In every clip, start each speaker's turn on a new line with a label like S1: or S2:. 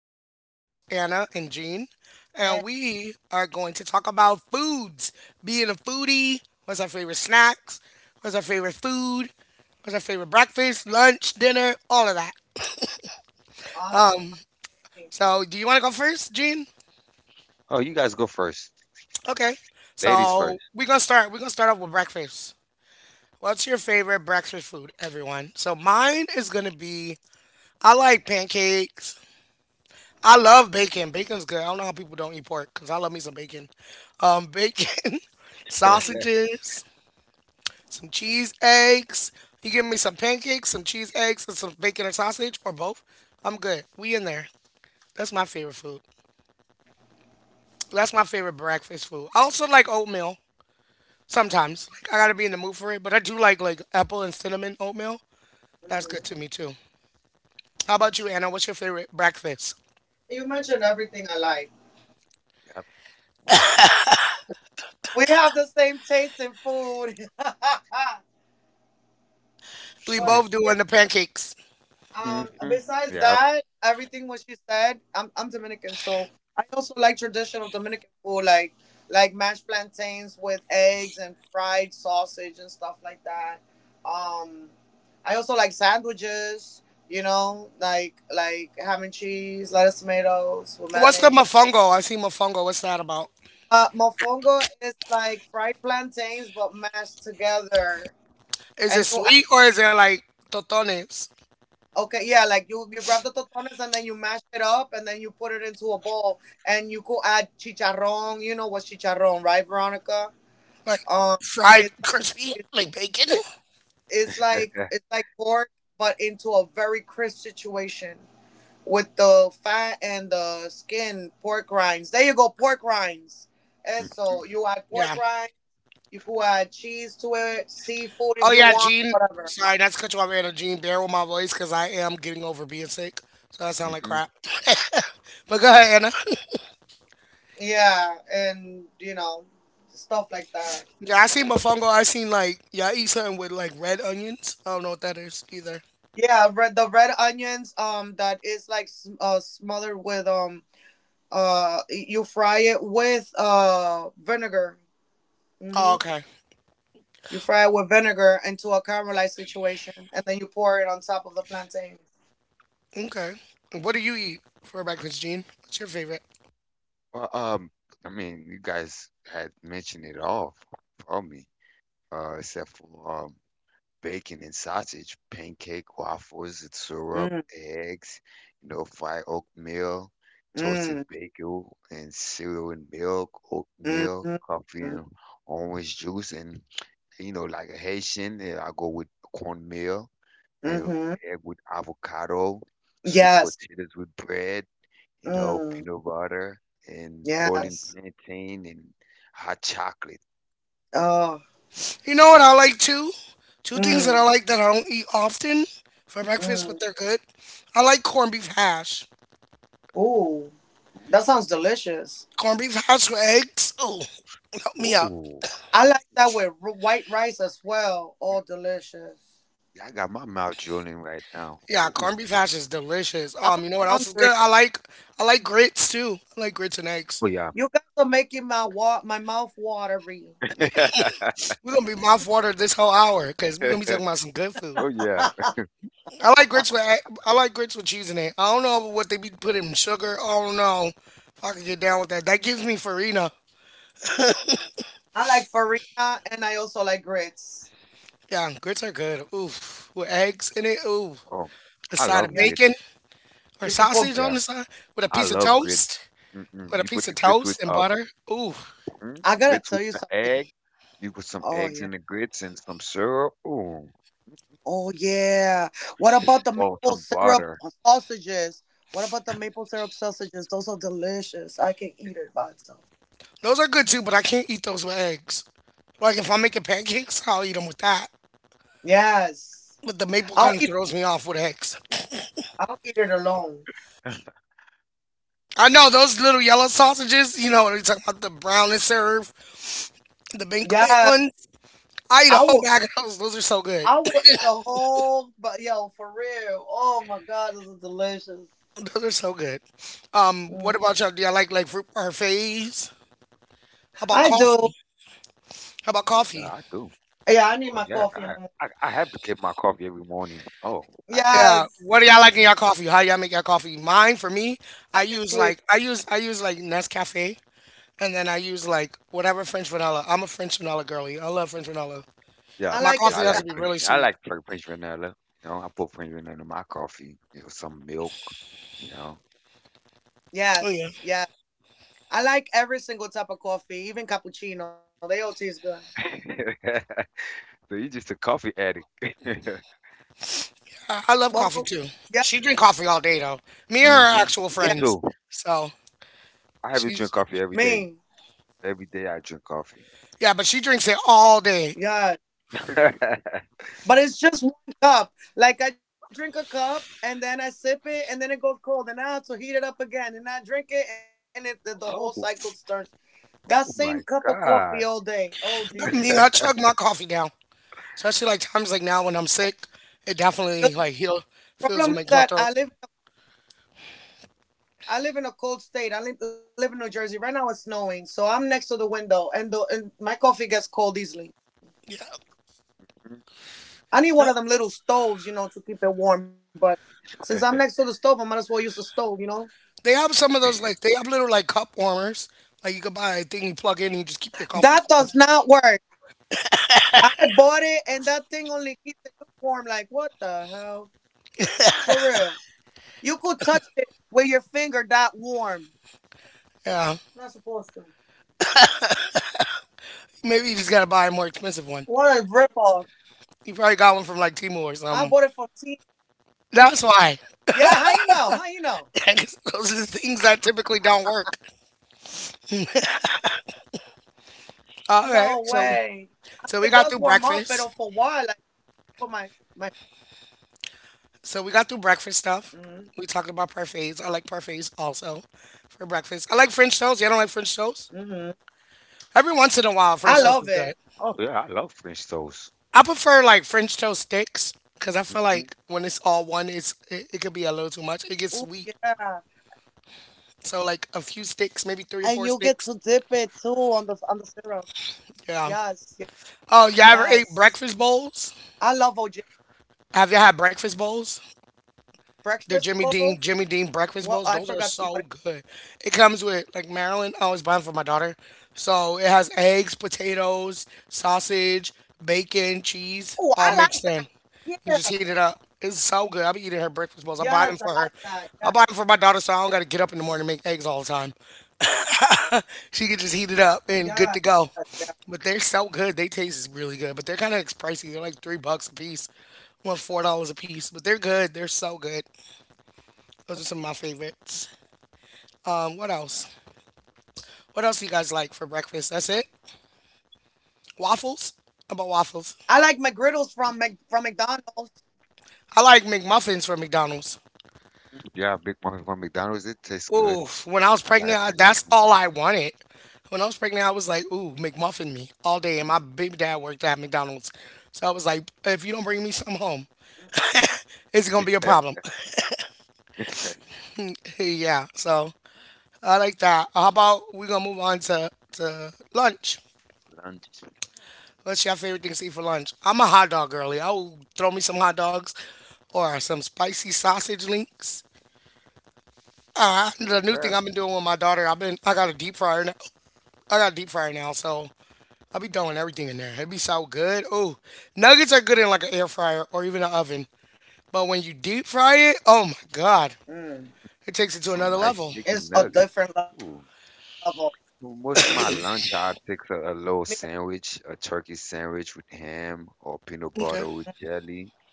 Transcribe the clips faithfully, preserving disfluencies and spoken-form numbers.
S1: my two co hosts, Anna and Jean. And
S2: And
S1: we are going to talk about foods. Being a foodie, what's our favorite snacks? What's our favorite food? What's our favorite breakfast, lunch, dinner, all of that.
S2: awesome.
S1: So, do you want to go first, Jean?
S3: Oh, you guys go first.
S1: Okay.
S3: Ladies
S1: So,
S3: first.
S1: we're going to start. We're going to start off with breakfast. What's your favorite breakfast food, everyone? So mine is gonna be I like pancakes. I love bacon. Bacon's good. I don't know how people don't eat pork because I love me some bacon. Um, bacon, sausages, some cheese eggs. You give me some pancakes, some cheese eggs, and some bacon or sausage or both. I'm good. We in there. That's my favorite food. That's my favorite breakfast food. I also like oatmeal sometimes. Like, I gotta be in the mood for it, but I do like like apple and cinnamon oatmeal. That's good to
S2: Mhm.
S1: me too. How about you, Anna? What's your favorite breakfast?
S2: You mentioned everything I like.
S3: Yep.
S2: We have the same taste in food. but
S1: We
S3: Sure.
S1: both
S2: yeah,
S1: doing the pancakes.
S2: um,
S3: Mm-hmm.
S2: besides
S3: Yeah.
S2: that, everything what you said, I'm, I'm Dominican, so I also like traditional Dominican food, like like mashed plantains with eggs and fried sausage and stuff like that. Um, I also like sandwiches, you know, like like ham and cheese, lettuce, tomatoes with
S1: What's the
S2: mayonnaise.
S1: mofongo? I see mofongo. What's that about?
S2: Uh, mofongo is like fried plantains but mashed together,
S1: Is it
S2: and you add
S1: sweet or
S2: cheese.
S1: is it like totones?
S2: Okay, yeah, like you you grab the totones and then you mash it up and then you put it into a bowl, and you could add chicharrón. You know what chicharrón, right, Veronica?
S1: Like
S2: Um,
S1: fried
S2: it's like
S1: crispy,
S2: it's,
S1: like bacon?
S2: it, it's like it's like pork but into a very crisp situation with the fat and the skin. Pork rinds. There you go, pork rinds. And
S3: hmm
S2: so you add pork
S1: Yeah.
S2: rinds. You could add cheese to it, seafood if
S1: Oh
S2: you
S1: yeah,
S2: want,
S1: Gene.
S2: whatever.
S1: Sorry, not to cut you off, Anna. Gene, bear with my voice because I am getting over being sick. So I sound like
S3: hmm
S1: crap. But go ahead, Anna.
S2: Yeah, and you know, stuff like that.
S1: Yeah, I seen mofongo. I seen like y'all eat something with like red onions. I don't know what that is either.
S2: Yeah, red the red onions. Um, that is like s- uh smothered with um uh y- you fry it with uh vinegar.
S1: Oh,
S2: Mm-hmm.
S1: okay.
S2: You fry it with vinegar into a caramelized situation, and then you pour it on top of the plantain.
S1: Okay. What do you eat for breakfast, Gene? What's your favorite?
S3: Well, um, I mean, you guys had mentioned it all for me, uh, except for um, bacon and sausage, pancake, waffles, and syrup,
S2: Mm,
S3: eggs, you know, fried oatmeal, toasted
S2: mm,
S3: bacon, and cereal and milk,
S2: mm,
S3: oatmeal,
S2: mm,
S3: coffee and orange juice, and you know, like a Haitian, eh, I go with cornmeal and
S2: mm-hmm.
S3: egg with avocado, sweet
S2: Yes.
S3: potatoes with bread, you know,
S2: Mm,
S3: peanut butter, and boiling
S2: yes.
S3: plantain and hot chocolate.
S2: Oh.
S1: You know what I like too? Two things that I
S2: Mm,
S1: like that I don't eat often for breakfast, but
S2: mm.
S1: they're good. I like corned beef hash.
S2: Ooh, that sounds delicious.
S1: Corned beef hash with eggs. Oh, help me out.
S3: Oh,
S2: I like that with r- white rice as well. Oh, delicious.
S3: I got my mouth drooling right now.
S1: Yeah,
S3: Oh,
S1: corned beef hash is delicious.
S2: I'm
S1: Um, you know what else is good?
S2: hungry.
S1: I like I like grits too. I like grits and eggs.
S3: oh yeah.
S2: You guys are making my wa- my mouth watery.
S1: We're gonna be mouth watered this whole hour because we're gonna be talking about some good food.
S3: Oh yeah.
S2: I
S1: I like grits with egg- I like grits with cheese in it. I don't know what they be putting in sugar. Oh no, if I could get down with that, that gives me farina.
S2: like farina, and I also like grits.
S1: Yeah, grits are good. Oof, with eggs in it. Ooh,
S3: Oh,
S1: a
S3: I
S1: side of
S3: love
S2: Yeah,
S3: grits.
S1: bacon or
S2: you could put.
S1: sausage
S2: Bacon.
S1: on
S3: Yeah,
S1: the side with a
S3: I
S1: piece of
S3: love grits.
S1: toast,
S3: Mm-mm.
S1: with a
S3: You put
S1: piece of
S3: the grits with
S1: toast and
S3: uh
S1: butter. Ooh,
S3: mm,
S2: I gotta
S3: grits with
S2: tell you
S3: the
S2: something.
S3: egg. You put some
S2: Oh
S3: eggs
S2: yeah.
S3: in the grits and some syrup. Oh,
S2: Oh yeah. What about the
S3: oh,
S2: maple
S3: some
S2: syrup
S3: butter.
S2: sausages? What about the maple syrup sausages? Those are delicious. I can eat it by itself.
S1: those are good too, but I can't eat those with eggs. Like if I'm making pancakes, I'll eat them with that.
S2: Yes.
S1: But the maple
S2: I'll
S1: kind of
S2: eat it.
S1: throws me off with eggs.
S2: I'll eat it alone.
S1: I know those little yellow sausages. You know what I'm talking about? The brown and serve, the banquet
S2: Yes.
S1: ones. I eat a
S2: I
S1: whole
S2: will
S1: bag
S2: eat.
S1: of those. Those are so good.
S2: I will eat a whole, but yo, for real. Oh my God, this is delicious.
S1: Those are so good. Um,
S2: Mm.
S1: what about y'all? Do y'all like like fruit parfaits? How about
S2: I do.
S1: coffee? How about
S3: Oh yeah,
S1: coffee?
S3: I do.
S2: Yeah, I need
S3: Oh,
S2: my
S3: yeah.
S2: coffee in
S3: I,
S2: the morning.
S3: I I have to get my coffee every morning. Oh, I can't.
S1: Yeah,
S2: Yes,
S1: what do y'all like in
S3: well,
S1: y'all coffee? How y'all make y'all coffee? Mine for me, I
S2: black and
S1: use
S2: sweet.
S1: like I use I use like Nescafe, and then I use like whatever French vanilla. I'm a French vanilla girly. I love French vanilla.
S3: Yeah,
S2: I
S1: My
S2: like it.
S3: yeah, I
S2: S-
S1: coffee has to
S3: like
S2: uh,
S1: be
S3: French.
S1: really
S3: I
S1: sweet.
S3: like Fre- French vanilla. You know, I put French vanilla in my coffee. You know, some milk. You know.
S1: Oh
S2: Yes,
S1: yeah,
S2: yes. I like every single type of coffee, even cappuccino. They all taste good.
S3: So you're just a coffee addict.
S1: I,
S2: Well,
S1: I love coffee
S2: yeah,
S1: too. She drink coffee all day though. Me and her are
S3: hmm
S1: actual
S3: Me
S1: friends,
S3: too.
S1: so
S2: yeah.
S3: I have to drink
S1: she's
S3: coffee every day.
S2: Me,
S3: Every day I drink coffee.
S1: yeah, but she drinks it all day.
S2: yeah. But it's just one cup. Like I drink a cup and then I sip it, and then it goes cold, and I have to heat it up again, and I drink it, and it the, the
S3: oh,
S2: whole cycle starts.
S3: oh
S2: That
S3: my
S2: same cup of
S3: God.
S2: coffee all day.
S1: Not
S2: Oh,
S1: me, I
S2: dear.
S1: chug my coffee down. Especially like times like now when I'm sick, it definitely like heal
S2: the the
S1: feels
S2: problem
S1: and
S2: is
S1: makes my
S2: that
S1: throat.
S2: I live I live in a cold state. I li- live in New Jersey. Right now it's snowing, so I'm next to the window, and the and my coffee gets cold easily.
S1: Yeah,
S2: I
S1: yeah.
S2: need one of them little stoves, you know, to keep it warm. But since I'm next to the stove, I might as well use the stove, you know.
S1: They have some of those like they have little like cup warmers. Like you could buy a thing you plug in and you just keep your coffee cup on.
S2: That does not work. I bought it, and that thing only keeps it warm. Like what the hell? For real, you could touch it with your finger. That warm.
S1: Yeah.
S2: It's not supposed to.
S1: Maybe you just gotta buy a more expensive one.
S2: What a ripoff.
S1: You probably got one from like Timo or something.
S2: I bought it for tea.
S1: That's why.
S2: Yeah, how you know? How you know?
S1: 'Cause those are the things that typically don't work.
S2: No way.
S1: All right.
S2: It does
S1: So
S2: warm up, but for
S1: so
S2: a
S1: we got
S2: while,
S1: through
S2: like
S1: breakfast.
S2: for my my.
S1: So we got through breakfast
S2: Mm-hmm.
S1: stuff. We talked about parfaits. I like parfaits also for breakfast. I like French toast. You don't like French
S2: Mm
S1: toast?
S2: hmm.
S1: Every once in a while French
S2: I
S3: Yeah.
S1: toast is
S2: love
S1: good.
S2: it.
S3: Oh yeah, I love French toast.
S1: I prefer like French toast sticks because I feel
S3: Hmm
S1: like when it's all one, it's it, it could be a little too
S2: Ooh,
S1: much. It gets sweet.
S2: yeah.
S1: So like a few
S2: And you
S1: sticks, maybe
S2: get to
S1: three or four
S2: dip it
S1: sticks.
S2: too on the on the syrup.
S1: Yeah.
S2: Yes,
S1: Oh, y'all
S2: yes.
S1: ever ate breakfast
S2: I
S1: bowls?
S2: love O J
S1: Have y'all had breakfast bowls?
S2: breakfast
S1: The
S2: bowls.
S1: Jimmy Dean, Jimmy Dean
S2: Well,
S1: breakfast
S2: I
S1: bowls, those
S2: forgot
S1: are
S2: what. It
S1: so good. It comes with like Maryland. I always buy them for my daughter. So it has eggs, potatoes, sausage, bacon,
S2: Oh, I
S1: cheese,
S2: like.
S1: all mixed in.
S2: Yeah.
S1: You just heat it up. It's so good. I'll be eating her breakfast
S2: Yes, I
S1: bowls. I
S2: like
S1: buy them for
S2: that.
S1: her.
S2: Yeah.
S1: I buy them for my daughter, so I don't gotta get up in the morning and make eggs all the time. She can just heat it up
S2: Yeah.
S1: and good to go.
S2: Yeah.
S1: But they're so good. They taste really good. But they're kind of pricey. They're like three bucks a piece, well four dollars a piece. But they're good. They're so good. Those are some of my favorites. Um, what else? What else do you guys like for breakfast? That's it.
S2: I like McGriddles from
S1: Waffles.
S2: Mc,
S1: How
S2: from
S1: about waffles?
S2: McDonald's.
S1: I like McMuffins from McDonald's.
S3: Yeah, I make one from McDonald's. It tastes good.
S1: Ooh, when I was
S3: I like
S1: pregnant,
S3: I
S1: I,
S3: like
S1: that's
S3: 'em.
S1: all I wanted. When I was pregnant, I was like, ooh, McMuffin me all day. And my baby dad worked at McDonald's. So
S2: Mm-mm,
S1: I was like, if you don't bring me some home, it's going to be a
S3: Mm.
S1: problem. Yeah, so I like that. How about we going to move on to, to lunch?
S3: Lunch,
S1: What's your favorite things to eat for lunch? I'm a hot dog girly. I will throw me some hot dogs or some spicy sausage links.
S2: mm,
S1: Uh, the new
S3: bro.
S1: thing I've been doing with my daughter, I've been I got a deep fryer now. I got a deep fryer now, so I'll be throwing everything in there. It'd be so good. Ooh, nuggets are good in like an air fryer or even an oven, but
S2: mm.
S1: when you deep fry it, oh my god,
S2: It's a
S1: it takes it
S2: different
S1: to
S3: Some
S1: another
S2: level.
S3: nice
S1: level.
S3: chicken
S2: Mm,
S3: nuggets. Ooh. Well, most of my
S2: yeah,
S3: lunch, I pick a, a little sandwich, a turkey sandwich with ham or
S2: mm,
S3: peanut
S2: mm,
S1: Okay,
S3: butter with jelly
S2: mm,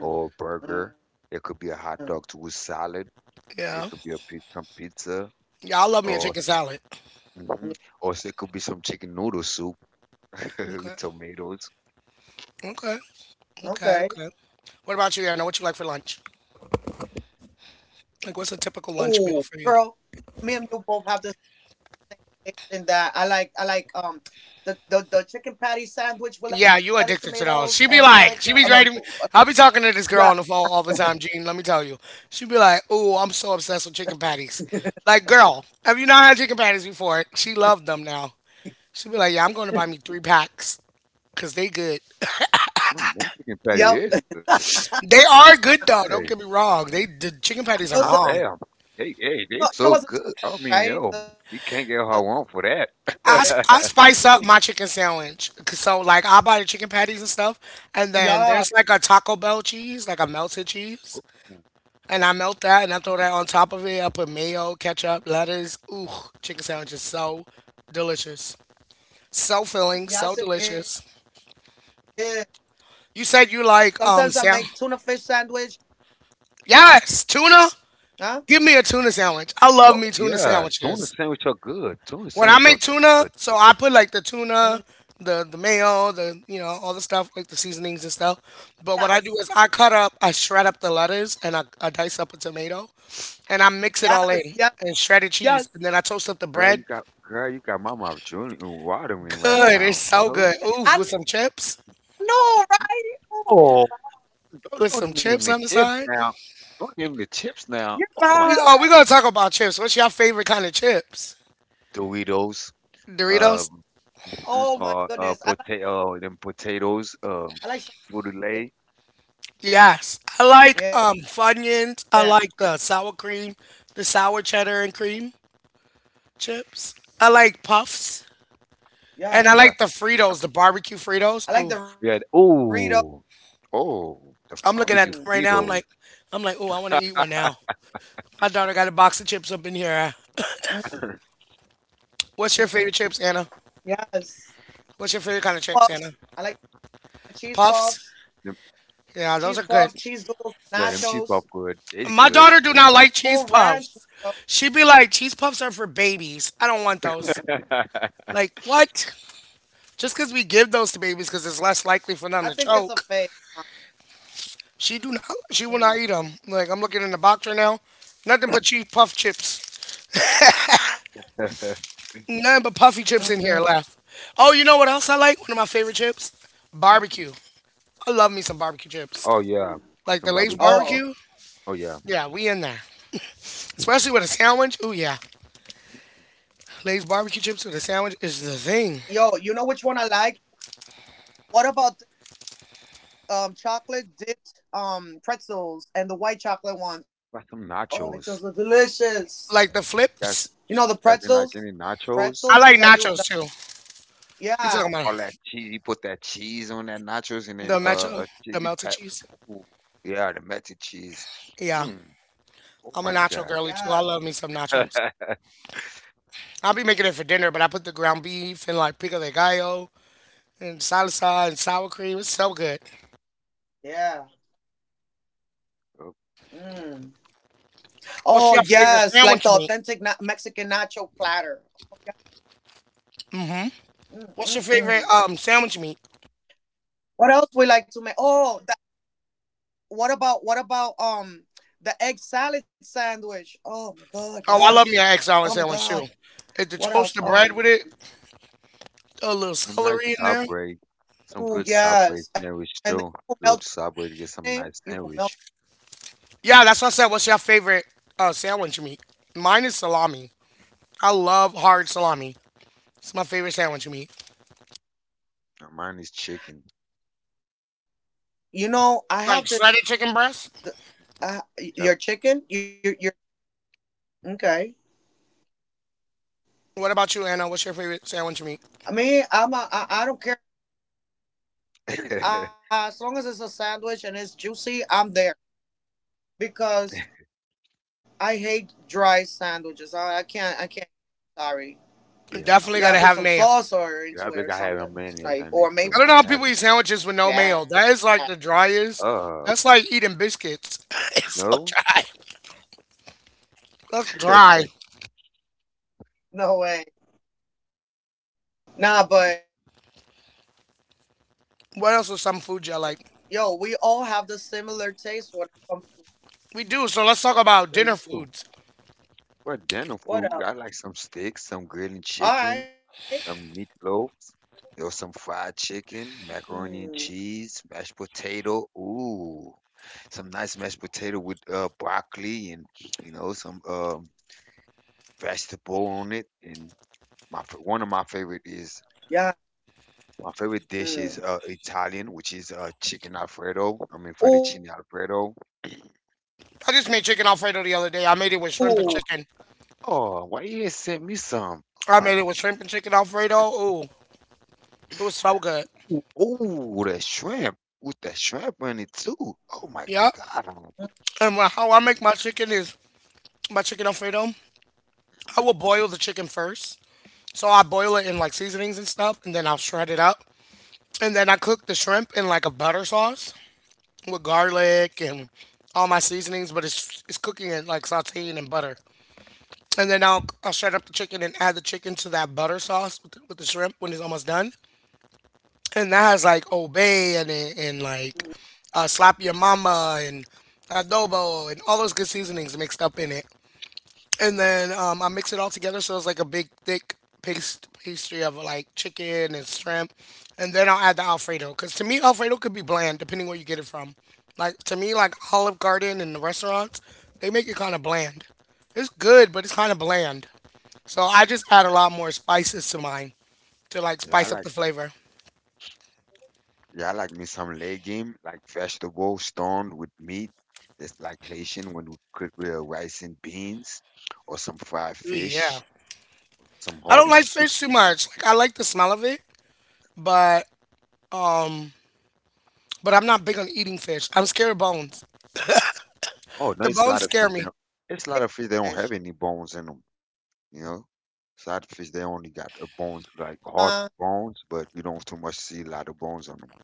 S3: or a burger. It could be a hot dog with salad. It
S1: yeah,
S3: could be a
S2: mm.
S3: pizza, some pizza,
S1: yeah, I love me a
S3: or
S1: chicken salad.
S3: mhm, or s- it could be some chicken noodle soup with
S1: Okay,
S3: tomatoes.
S1: okay, okay,
S2: Okay.
S1: okay. What about you, Anna? What you like for lunch?
S2: Ooh, girl,
S1: Like,
S2: me
S1: what's a
S2: and you
S1: typical
S2: both have
S1: lunch
S2: the
S1: meal
S2: same
S1: for you?
S2: taste in that. I like, I like, um, the the, the chicken patty sandwich with lettuce, tomatoes, and ketchup. I'm not.
S1: Yeah, you addicted to those. She be
S2: Yeah.
S1: like, she be writing. Me- I be talking to this girl on the phone all the time, Gene. Let me tell you, she be like, "Ooh, I'm so obsessed with chicken patties." Like, girl, have you not had chicken patties before? She loved them now. She be like, "Yeah, I'm going to buy me three packs,
S2: Yep.
S1: 'cause they good."
S3: Mm, them chicken patty is good.
S2: I
S1: They
S2: also
S1: are good
S3: Hey,
S1: though. Don't get me wrong. They the
S2: you know you
S1: chicken
S2: know
S3: not
S2: what's
S1: patties
S2: a
S1: are
S2: chick,
S3: damn.
S1: bomb.
S3: Hey,
S2: right?
S3: hey, they
S2: The
S3: so good. I mean,
S2: the
S3: yo, you can't get how I
S2: you
S3: want for
S1: I, sp-
S3: that.
S1: I spice up my chicken sandwich. 'Cause so,
S2: Yeah,
S1: like, I buy the chicken patties and stuff. And then there's like a Taco Bell cheese, like a melted cheese. And I melt that and I throw that on top of it. I put mayo, ketchup, lettuce. Ooh, chicken sandwich is so delicious.
S2: yes it is.
S1: So filling, so delicious.
S2: Sometimes I make tuna fish
S1: You
S2: sandwich.
S1: said you like um sal
S2: Huh?
S1: Yes, tuna. Give me a tuna sandwich. I love
S3: Oh
S1: me tuna
S3: yeah, tuna
S1: sandwiches.
S3: sandwich are good. Tuna
S1: When I
S3: sandwich
S2: Mm,
S3: are
S1: make tuna,
S3: good.
S1: so I put like the tuna, the the mayo, the you know,
S2: yes,
S1: all the stuff like the seasonings and stuff. But what I do is I cut up, I shred up the lettuce and I, I
S2: yes,
S1: dice
S2: yes,
S1: up a tomato and I
S2: yes.
S1: mix it all in and shredded cheese. And then I toast up the
S3: Girl, you
S1: bread.
S3: got girl, you
S2: Oh,
S3: got my mouth drooling and
S2: I
S3: watering right
S1: Good.
S2: know,
S1: It's
S3: now. You
S1: so
S2: right?
S3: know?
S1: good. Oof,
S2: Oh,
S1: with some chips.
S3: Oh, don't
S1: With
S3: don't
S1: some
S2: you're
S3: name the
S1: chips on the
S3: chips
S2: fine.
S1: side.
S3: now. Don't name the chips now. Oh my
S1: We oh, we're gonna talk about chips. What's your favorite kind of chips?
S2: Oh
S3: Doritos.
S2: my goodness, I like
S1: Doritos?
S3: Um, mhm,
S2: I like
S3: uh, uh,
S2: something.
S3: Potato, them potatoes. Um, fruit lay.
S2: Yeah,
S1: Yes. I like um Funyuns. I like the sour cream, the sour cheddar and cream
S2: yes.
S1: chips. I like puffs.
S2: I like
S1: And I
S2: Dorito.
S3: Yeah.
S1: like the Fritos, the barbecue Fritos. Ooh.
S3: We had
S2: Mm,
S3: oh Oh the
S1: I'm looking at
S3: barbecue
S1: them right now. I'm
S3: fritos.
S1: like I'm like, oh, I wanna eat one now. My
S2: mm,
S1: daughter got a box of chips up in here.
S2: yes.
S1: What's your favorite chips, Anna?
S2: Puffs.
S1: What's your favorite kind of chips, Anna?
S2: I like
S1: Puffs?
S2: cheese
S3: Them—
S2: puffs.
S1: Yeah, those are good.
S2: Cheese puffs.
S3: yeah, them
S2: Cheese
S3: cheap up
S2: doodles.
S3: good. They
S1: My
S3: good.
S1: daughter
S2: Nachos.
S1: do
S3: Them
S1: not
S3: not.
S1: like cheese
S2: Cool
S1: puffs.
S2: ranch.
S1: She be
S2: Nachos.
S1: like, cheese puffs are for babies. I don't want those. Like what? Just because we give those to babies, because it's less likely for them to
S2: I
S1: choke.
S2: think it's a fake.
S1: She do not. She will not eat them. Like I'm looking in the
S2: Mm,
S1: box right now. Nothing but cheese puff chips. Nothing but puffy chips in
S2: mm,
S1: here.
S2: mm,
S1: Left. Oh, you know what else I like? One of my favorite chips,
S3: Mhm.
S1: barbecue. I love me some barbecue chips.
S3: Oh yeah,
S1: Like
S2: mm.
S1: the
S3: some
S1: Lay's
S3: barbecue chips.
S1: barbecue.
S2: Oh,
S3: Oh yeah,
S1: Yeah, we in there. Especially with a sandwich. Ooh yeah, Lay's barbecue chips with a sandwich is the thing.
S2: yo, you know which one I like? What about um chocolate dipped um pretzels and the white chocolate
S3: got some
S2: ones? Oh, they taste
S3: nachos.
S2: so delicious.
S1: Like the
S3: Guys, you
S1: flips.
S2: You know the
S3: guys didn't like
S2: pretzels,
S3: any nachos?
S1: I
S2: pretzels
S1: like
S2: that you,
S1: nachos
S2: that,
S1: too. You talking
S2: yeah,
S1: about
S3: All that cheese. You put that cheese on that nachos and then
S1: the
S3: uh
S1: nacho,
S3: a
S1: the
S3: chili
S1: melted
S3: pepper.
S1: cheese?
S3: Ooh, yeah, the melted cheese.
S1: Yeah,
S3: Mm. Oh
S1: I'm a
S3: my
S1: nacho
S3: God.
S1: girly
S2: yeah,
S1: too. I love me some nachos. I'll be making it for dinner, but I put the ground beef and like pico de gallo and salsa and sour cream. It's so good.
S2: yeah. Mm.
S1: What's
S2: Oh
S1: your favorite
S2: yes, like the
S1: sandwich meat?
S2: authentic na- Mexican nacho platter.
S1: Mm hmm
S2: Mm, mm,
S1: What's your
S2: mm.
S1: favorite um sandwich meat?
S2: What else we like to make? Oh, what about what about um the egg salad sandwich? Oh my god,
S1: Oh, I love me an
S2: yes.
S1: egg salad
S2: Oh my
S1: sandwich too.
S2: god.
S1: If the
S2: What
S1: toast
S2: else?
S1: bread with
S2: Um
S1: it, a little
S3: Some nice
S1: celery in there.
S3: Subway, some good
S2: oh
S3: Subway
S2: yes.
S3: sandwich
S2: And then you
S3: too.
S2: could melt
S3: Go to Subway to get some
S2: it.
S3: nice
S2: You could melt.
S3: sandwich.
S1: Yeah, that's what I said. What's your favorite uh, sandwich meat? Mine is salami. I love hard salami. It's my favorite sandwich meat.
S3: Now, mine is chicken.
S2: You know, I have
S1: Like
S2: this
S1: shredded chicken breast.
S2: the uh,
S3: Yep.
S2: your chicken, your your okay.
S1: What about you, Anna? What's your favorite sandwich meat?
S2: I mean, I'm a, I, I don't care, uh, as long as it's a sandwich and it's juicy, I'm there because I hate dry sandwiches. I, I can't I can't sorry.
S3: Yeah.
S2: You
S3: No.
S1: Definitely
S2: gotta put
S1: gotta
S2: some
S1: have mayo.
S2: sauce or into
S3: Yeah,
S2: it
S3: they
S2: or
S3: gotta have a
S2: something.
S3: mayonnaise
S2: Like
S3: on it
S2: or maybe
S1: I
S3: too.
S1: don't know how
S3: They have
S1: people eat sandwiches with no mayo.
S2: Yeah.
S1: That is like the driest.
S3: uh,
S1: That's like eating biscuits.
S3: you
S1: It's so
S3: know?
S1: dry. That's dry.
S3: Yeah,
S2: No way. Mm-mm. Have the similar taste
S1: What
S2: when
S1: else
S2: it
S1: is some
S2: comes to
S1: food you like? We
S2: what
S1: do. So
S2: else?
S1: let's talk about
S3: we
S1: dinner
S3: do.
S1: foods.
S2: All right.
S3: But dinner food, we got like some steaks, some grilled chicken, some
S2: Mm.
S3: meatloaves, or some fried chicken, macaroni and
S2: Oh,
S3: cheese, mashed
S2: yeah,
S3: potato. Ooh, some nice mashed potato with uh broccoli and you know some um
S2: yeah.
S3: vegetable on it, and my
S2: Mm.
S3: fa- one of my favorite is my favorite dish is uh, Italian, which is uh, chicken Alfredo. I mean fettuccine
S2: Oh,
S3: Alfredo.
S2: he bugging, yo. He
S1: I just
S2: throwing
S1: made chicken
S2: like
S1: alfredo the other day. I made it with shrimp and
S3: Oh,
S1: chicken.
S3: oh, why you didn't send me some?
S1: I
S3: Like,
S1: made it with shrimp
S2: what?
S1: and chicken alfredo. Ooh, it was so good.
S3: ooh, ooh, that shrimp with that shrimp in it too. Oh my
S1: Yeah.
S3: God, I'm like,
S1: And wha- how I make my chicken is my chicken alfredo. I
S3: "Mm,
S1: will boil the chicken first. So I boil it in like seasonings and stuff, and then I'll shred it up. And then I cook the shrimp in like a butter sauce with garlic and all my seasonings, but it's it's cooking it like sauteing and butter. And then I'll I'll shred up the chicken and add the chicken to that butter sauce with the, with the shrimp when it's
S2: Mm-mm.
S1: almost done. And that has like obey and and like uh, slap your mama and adobo and all those good seasonings mixed up in it. And then um, I mix it all together so it's like a big thick paste pastry of like chicken and shrimp, and then I'll add the Alfredo. Cause to me, Alfredo could be bland depending where you get it from. Like to me, like Olive Garden and the restaurants, they make it kind of bland. It's good, but it's kind of bland. So I just add a lot more spices to mine to like
S3: yeah, I
S1: spice up
S3: like
S1: the flavor.
S3: yeah, I like me some
S2: Okay.
S3: legume, like vegetable stoned with meat. It's like Haitian when we cook with rice and beans, or some fried
S1: Ooh, yeah.
S3: fish, some
S1: I don't
S3: hearty
S1: like
S3: soup.
S1: fish too much. Like I like the smell of it, but but I'm not big on eating fish. I'm scared of bones.
S3: Oh,
S2: I
S3: no,
S1: The
S2: like,
S3: it's a
S2: I
S3: lot
S1: bones
S3: of
S2: like the
S1: scare
S3: fish. They
S1: me.
S3: don't,
S2: fillet of
S3: It's a
S2: the
S3: lot of
S2: fish.
S3: fish. They don't have any bones in them. You
S2: Exactly.
S3: know,
S2: Like
S3: it's a lot of
S2: salmon
S3: fish. They
S2: don't
S3: only
S2: have
S3: got a bones
S2: bones.
S3: like hard
S2: Tuna,
S3: bones, but you don't too much see a lot of
S2: albacore.
S3: bones on them.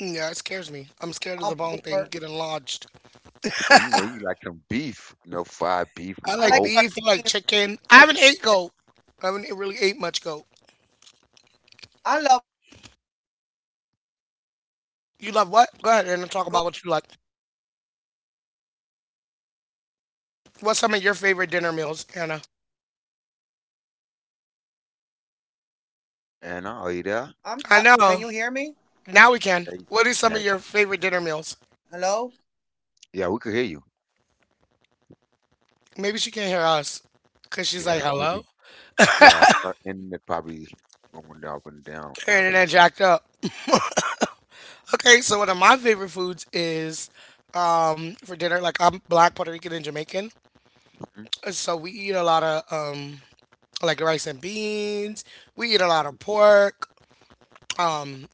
S1: Yeah, it scares me. I'm scared of the bone thing getting lodged.
S2: I like
S3: So
S2: sardines.
S3: you know, you like some
S2: Delicious.
S3: beef, you know, fried beef with
S1: I like
S3: goat.
S1: beef. I like chicken. I haven't ate goat. I haven't e-, really ate much goat.
S2: I love goat, oxtail. I like
S1: You
S2: beef.
S1: love what? Go ahead and talk about what you like.
S2: I like um a calf, you know, the baby
S1: What's some of
S2: cow.
S1: your favorite dinner meals, Anna?
S2: I'm. Uh, can you hear me?
S3: And oh,
S2: Hello.
S3: you there?
S1: I know. Now we can.
S3: Yeah, you-
S1: What is some of
S3: yeah,
S1: your favorite dinner meals?
S3: yeah, we could hear you.
S1: Maybe she can't hear us because she's like,
S3: Yeah,
S1: hello?
S3: maybe. Yeah, our internet probably going up and down,
S1: Her
S3: probably.
S1: internet jacked up. Okay, so one of my favorite foods is um, for dinner. Like I'm black, Puerto Rican, and Jamaican,
S3: Hmm
S1: so we eat a lot of um, like rice and beans. We eat a lot of pork.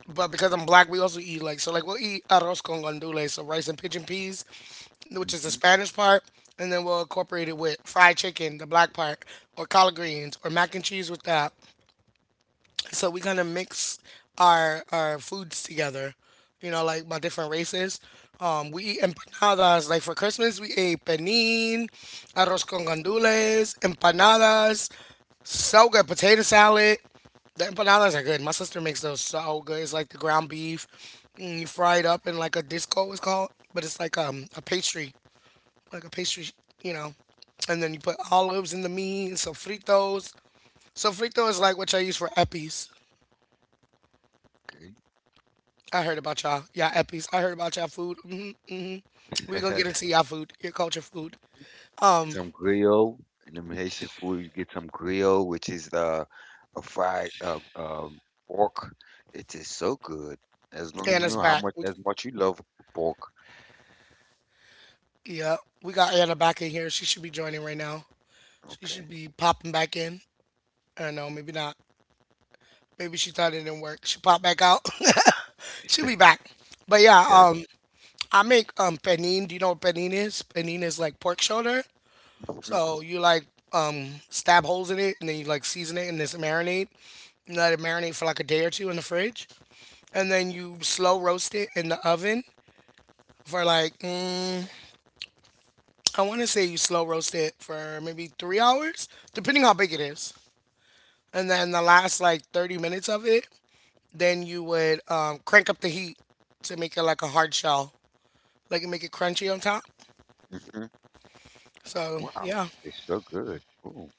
S1: But because I'm black, we also eat like so. Like we'll eat arroz con gandules, so rice and pigeon peas, which is the
S3: hmm
S1: Spanish part, and then we'll incorporate it with fried chicken, the black part, or collard greens, or mac and cheese with that, so we're gonna mix our our foods together, you know, like my different races. Um we eat empanadas. Like for Christmas, we ate panin, arroz con gandules, empanadas, so good, potato salad. The empanadas are good. My sister makes those so good. It's like the ground beef and you fry it up in like a disco, it's called, but it's like um a pastry, like a pastry, you know. And then you put olives in the meat and sofritos. Sofrito is like what I use for eppies.
S3: Okay.
S1: I heard about y'all. Y'all Eppies. I heard about y'all food. Hmm hmm we going to get into y'all food, your culture food.
S3: Some grill and them Haitian food. You get some grill, which is uh, a fried uh, um, pork. It's so good. As long as you
S1: Anna's
S3: know how
S1: back.
S3: much
S1: We,
S3: as much you love pork.
S1: yeah, we got Anna back in here. She should be joining right now. She
S3: Okay.
S1: should be popping back in. I don't know, maybe not. Maybe she thought it didn't work. She popped back out. She'll be back. But yeah,
S3: Yeah.
S1: um, I make um panini. Do you know what panini is? Panini is like pork shoulder.
S3: hmm
S1: So you like um stab holes in it and then you like season it and this marinate. You let it marinate for like a day or two in the fridge. And then you slow roast it in the oven for like mm, I want to say you slow roast it for maybe three hours, depending how big it is. And then the last like thirty minutes of it, then you would um, crank up the heat to make it like a hard shell, like make it crunchy on top.
S3: hmm
S1: So
S3: Wow,
S1: yeah,
S3: it's so good. Ooh.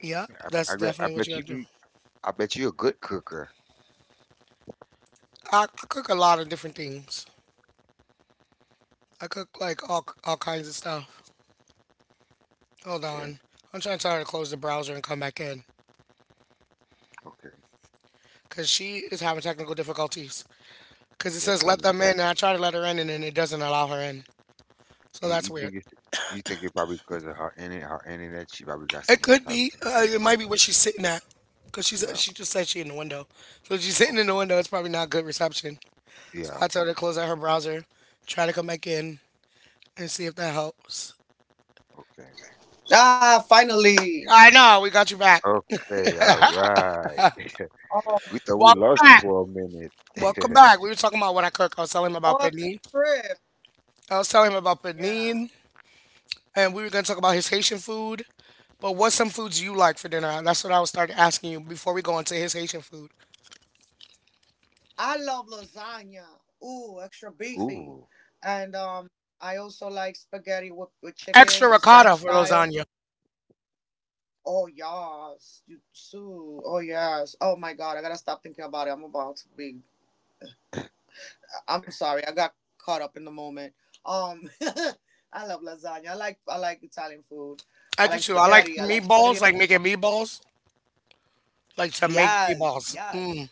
S1: yeah,
S3: Yeah, I,
S1: that's
S3: I bet I
S1: definitely what you
S3: bet you
S1: gotta do.
S3: can— I bet you're a good cooker.
S1: I, I cook a lot of different things. I cook like all all kinds of stuff. Hold
S3: Okay.
S1: on, I'm trying to tell her to close the browser and come back in,
S3: Okay.
S1: cause she is having technical difficulties. Because it
S3: Yeah,
S1: says let
S3: coming
S1: them in,
S3: back.
S1: and I try to let her in, and then it doesn't allow her in. So
S3: You
S1: that's
S3: you
S1: weird.
S3: think it's you think it probably because of her internet, her internet, she probably got
S1: It
S3: some
S1: could
S3: type of
S1: be.
S3: internet
S1: Uh, it might be
S3: problem.
S1: where she's sitting at, because she's
S3: Yeah.
S1: she just said she in the window. So if she's sitting in the
S3: Okay.
S1: window. It's probably not good reception. So
S3: Yeah.
S1: I told her to close out her browser, try to come back in, and see if that helps.
S3: Okay.
S2: Ah,
S1: I know we got you back.
S2: finally.
S3: Okay, all right.
S2: Oh my
S3: We thought we
S1: Welcome
S3: lost you
S2: goodness.
S1: back.
S3: for a
S1: Welcome
S3: minute.
S1: back. We were talking about what I cook. I was telling
S2: What
S1: him
S2: a
S1: about panin.
S2: trip.
S1: I was telling him about
S2: Yeah.
S1: panin, and we were gonna talk about his Haitian food. But what's some foods you like for dinner? That's what I was starting asking you before we go into his Haitian food.
S2: I love lasagna. Ooh, extra beefy.
S3: Ooh.
S2: And um I also like spaghetti with, with
S1: Extra
S2: chicken,
S1: ricotta
S2: Spanish
S1: for
S2: style.
S1: lasagna.
S2: Oh yes. You too. Oh yes. Oh my god, I gotta stop thinking about it. I'm about to be I'm sorry, I got caught up in the moment. Um I love lasagna. I like I like Italian food.
S1: I
S2: I
S1: do
S2: like
S1: too. I like
S2: spaghetti. I like
S1: meatballs,
S2: spaghetti.
S1: like making meatballs, like to make
S2: Yes,
S1: meatballs.
S2: yes.
S1: Mm,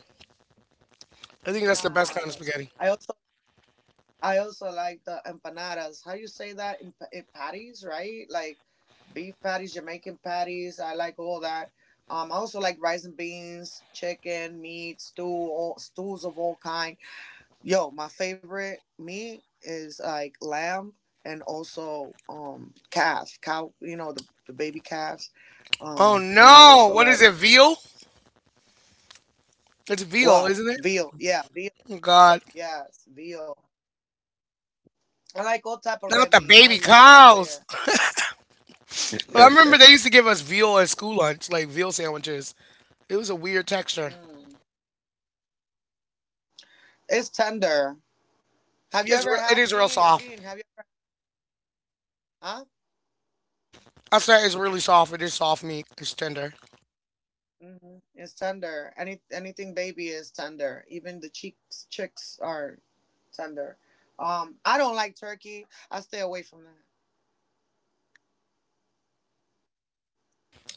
S1: I think that's the best kind of
S2: Yes.
S1: spaghetti.
S2: I also I also like the empanadas. How you say that in, in patties, right? Like beef patties, Jamaican patties. I like all that. Um, I also like rice and beans, chicken, meat, stew, all, stews of all kind. Yo, my favorite meat is like lamb and also um calf, cow. You know the the baby calves.
S1: Oh
S2: Um, and I
S1: no!
S2: also
S1: What is
S2: like
S1: it? Veal? It's veal,
S2: what
S1: isn't it?
S2: veal. Yeah, veal.
S1: Oh
S2: Veal.
S1: God!
S2: Yes, veal. I like all type of
S1: Not
S2: red
S1: the
S2: meat. I
S1: baby
S2: love it. I'm
S1: cows.
S2: there.
S1: I remember they used to give us veal at school lunch, like veal sandwiches. It was a weird texture.
S2: Mm. It's tender. Have you
S1: It's
S2: ever
S1: re- it
S2: had
S1: is real
S2: Jean?
S1: soft.
S2: Jean, have you? Huh?
S1: I said it's really soft. It is soft meat. It's tender.
S2: Hmm. It's tender. Any anything baby is tender. Even the cheeks chicks are tender. Um, I don't like turkey. I stay away from that.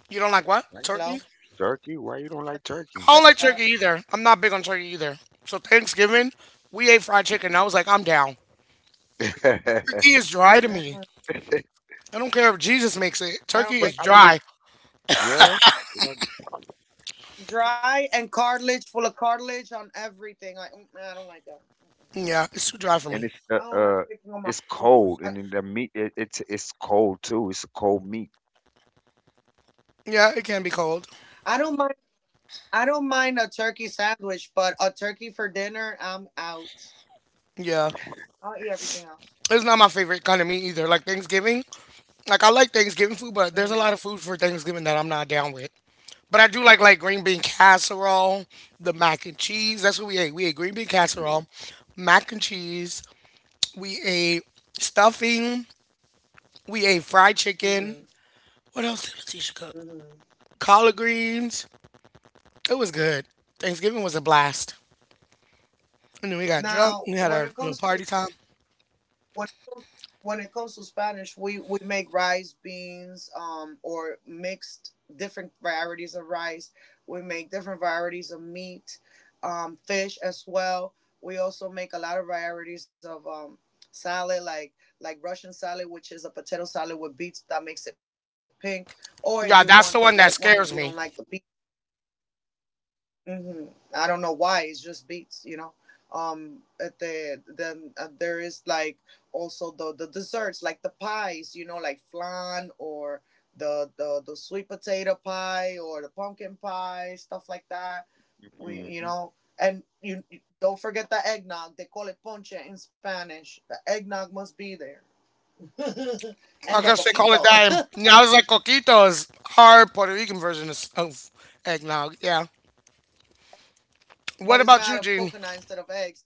S1: You don't like what?
S3: Right?
S1: Turkey?
S2: Hello,
S3: Turkey? Why you don't like turkey?
S1: I
S2: turkey.
S1: don't like
S2: I,
S1: turkey either. I'm not big on turkey either. So Thanksgiving, we ate fried chicken. I was like, I'm down. Turkey is dry to me.
S2: mm,
S1: I don't care if Jesus makes it.
S2: I
S1: Turkey
S3: But
S2: don't
S1: is
S3: I
S2: like
S3: believe,
S1: dry.
S2: turkey.
S3: yeah, you know,
S2: Dry and cartilage, full of cartilage on everything. I Mm, I don't like that. Mm-mm.
S1: Yeah, it's too dry for me.
S3: and it's uh,
S2: I don't
S3: uh
S2: like picking on
S3: it's
S2: my food.
S3: cold, and
S2: I,
S3: then the meat it, it's it's cold too. It's a cold meat.
S1: Yeah, it can be cold.
S2: I don't mind. I don't mind a turkey sandwich, but a turkey for dinner, I'm out.
S1: Yeah.
S2: I'll eat everything else.
S1: It's not my favorite kind of meat either. Like Thanksgiving. Like I like Thanksgiving food, but there's a lot of food for Thanksgiving that I'm not down with. But I do like like green bean casserole, the mac and cheese. That's what we ate. We ate green bean
S3: Yeah.
S1: casserole, mac and cheese. We ate stuffing. We ate fried chicken.
S2: Mm-hmm.
S1: What else did Letitia cook?
S2: Hmm.
S1: Collard greens. It was good. Thanksgiving was a blast. And then we got drunk.
S2: Now,
S1: We had our
S2: when it
S1: little
S2: comes to
S1: party time.
S2: when it comes to Spanish, we we make rice, beans, um, or mixed different varieties of rice. We make different varieties of meat, um, fish as well. We also make a lot of varieties of um salad, like like Russian salad, which is a potato salad with beets that makes it pink. Or if you
S1: Yeah,
S2: want the
S1: that's the one
S2: white
S1: that
S2: one, if you
S1: scares
S2: don't
S1: me.
S2: like the beets Hmm. I don't know why. It's just beats, you know. Um, at the then uh, there is like also the the desserts, like the pies, like flan or the the the sweet potato pie or the pumpkin pie, stuff like that. We, you
S3: Mhm.
S2: know, and you you- don't forget the eggnog. They call it ponche in Spanish. The eggnog must be there, and
S1: I
S2: the
S1: guess they call it
S2: coquito,
S1: that. And I was like, coquito is our Puerto Rican version of, of eggnog. Yeah.
S2: but
S1: What
S2: it's made
S1: about
S2: out
S1: you,
S2: of
S1: Gene?
S2: coconut instead of eggs.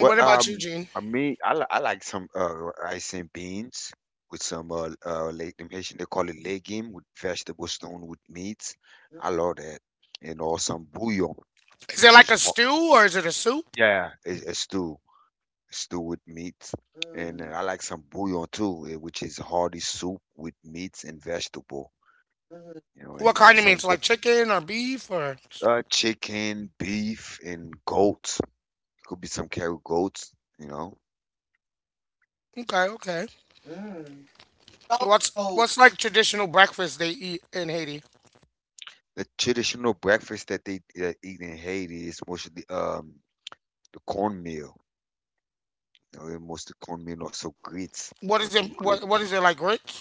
S3: Well,
S1: What about you,
S3: um,
S1: Gene?
S3: I mean, I, li- I like some uh, rice and beans with some uh, uh, like them Haitian, they call it legume with vegetable stone with meat. I love that. And or some bouillon,
S1: Is it
S3: which
S1: like
S3: is
S1: a
S3: ho-
S1: stew or is it a soup?
S3: yeah, it's a stew, stew with meat. And
S2: Hmm.
S3: uh, I like some bouillon too, eh, which is hearty soup with meats and vegetable. You know,
S1: What
S3: and
S1: kind of
S3: some
S1: meat?
S3: good
S1: Like chicken or beef or?
S3: uh, chicken, beef, and goat. Could be some carrot goats. You know.
S1: Okay, okay.
S2: Hmm. Adult
S1: What's what's
S2: goat.
S1: like traditional breakfast they eat in Haiti?
S3: The traditional breakfast that they uh, eat in Haiti is mostly um the cornmeal. You know, they mostly cornmeal or some grits
S1: What
S3: or
S1: is
S3: some
S1: it?
S3: grits.
S1: What what is it like grits?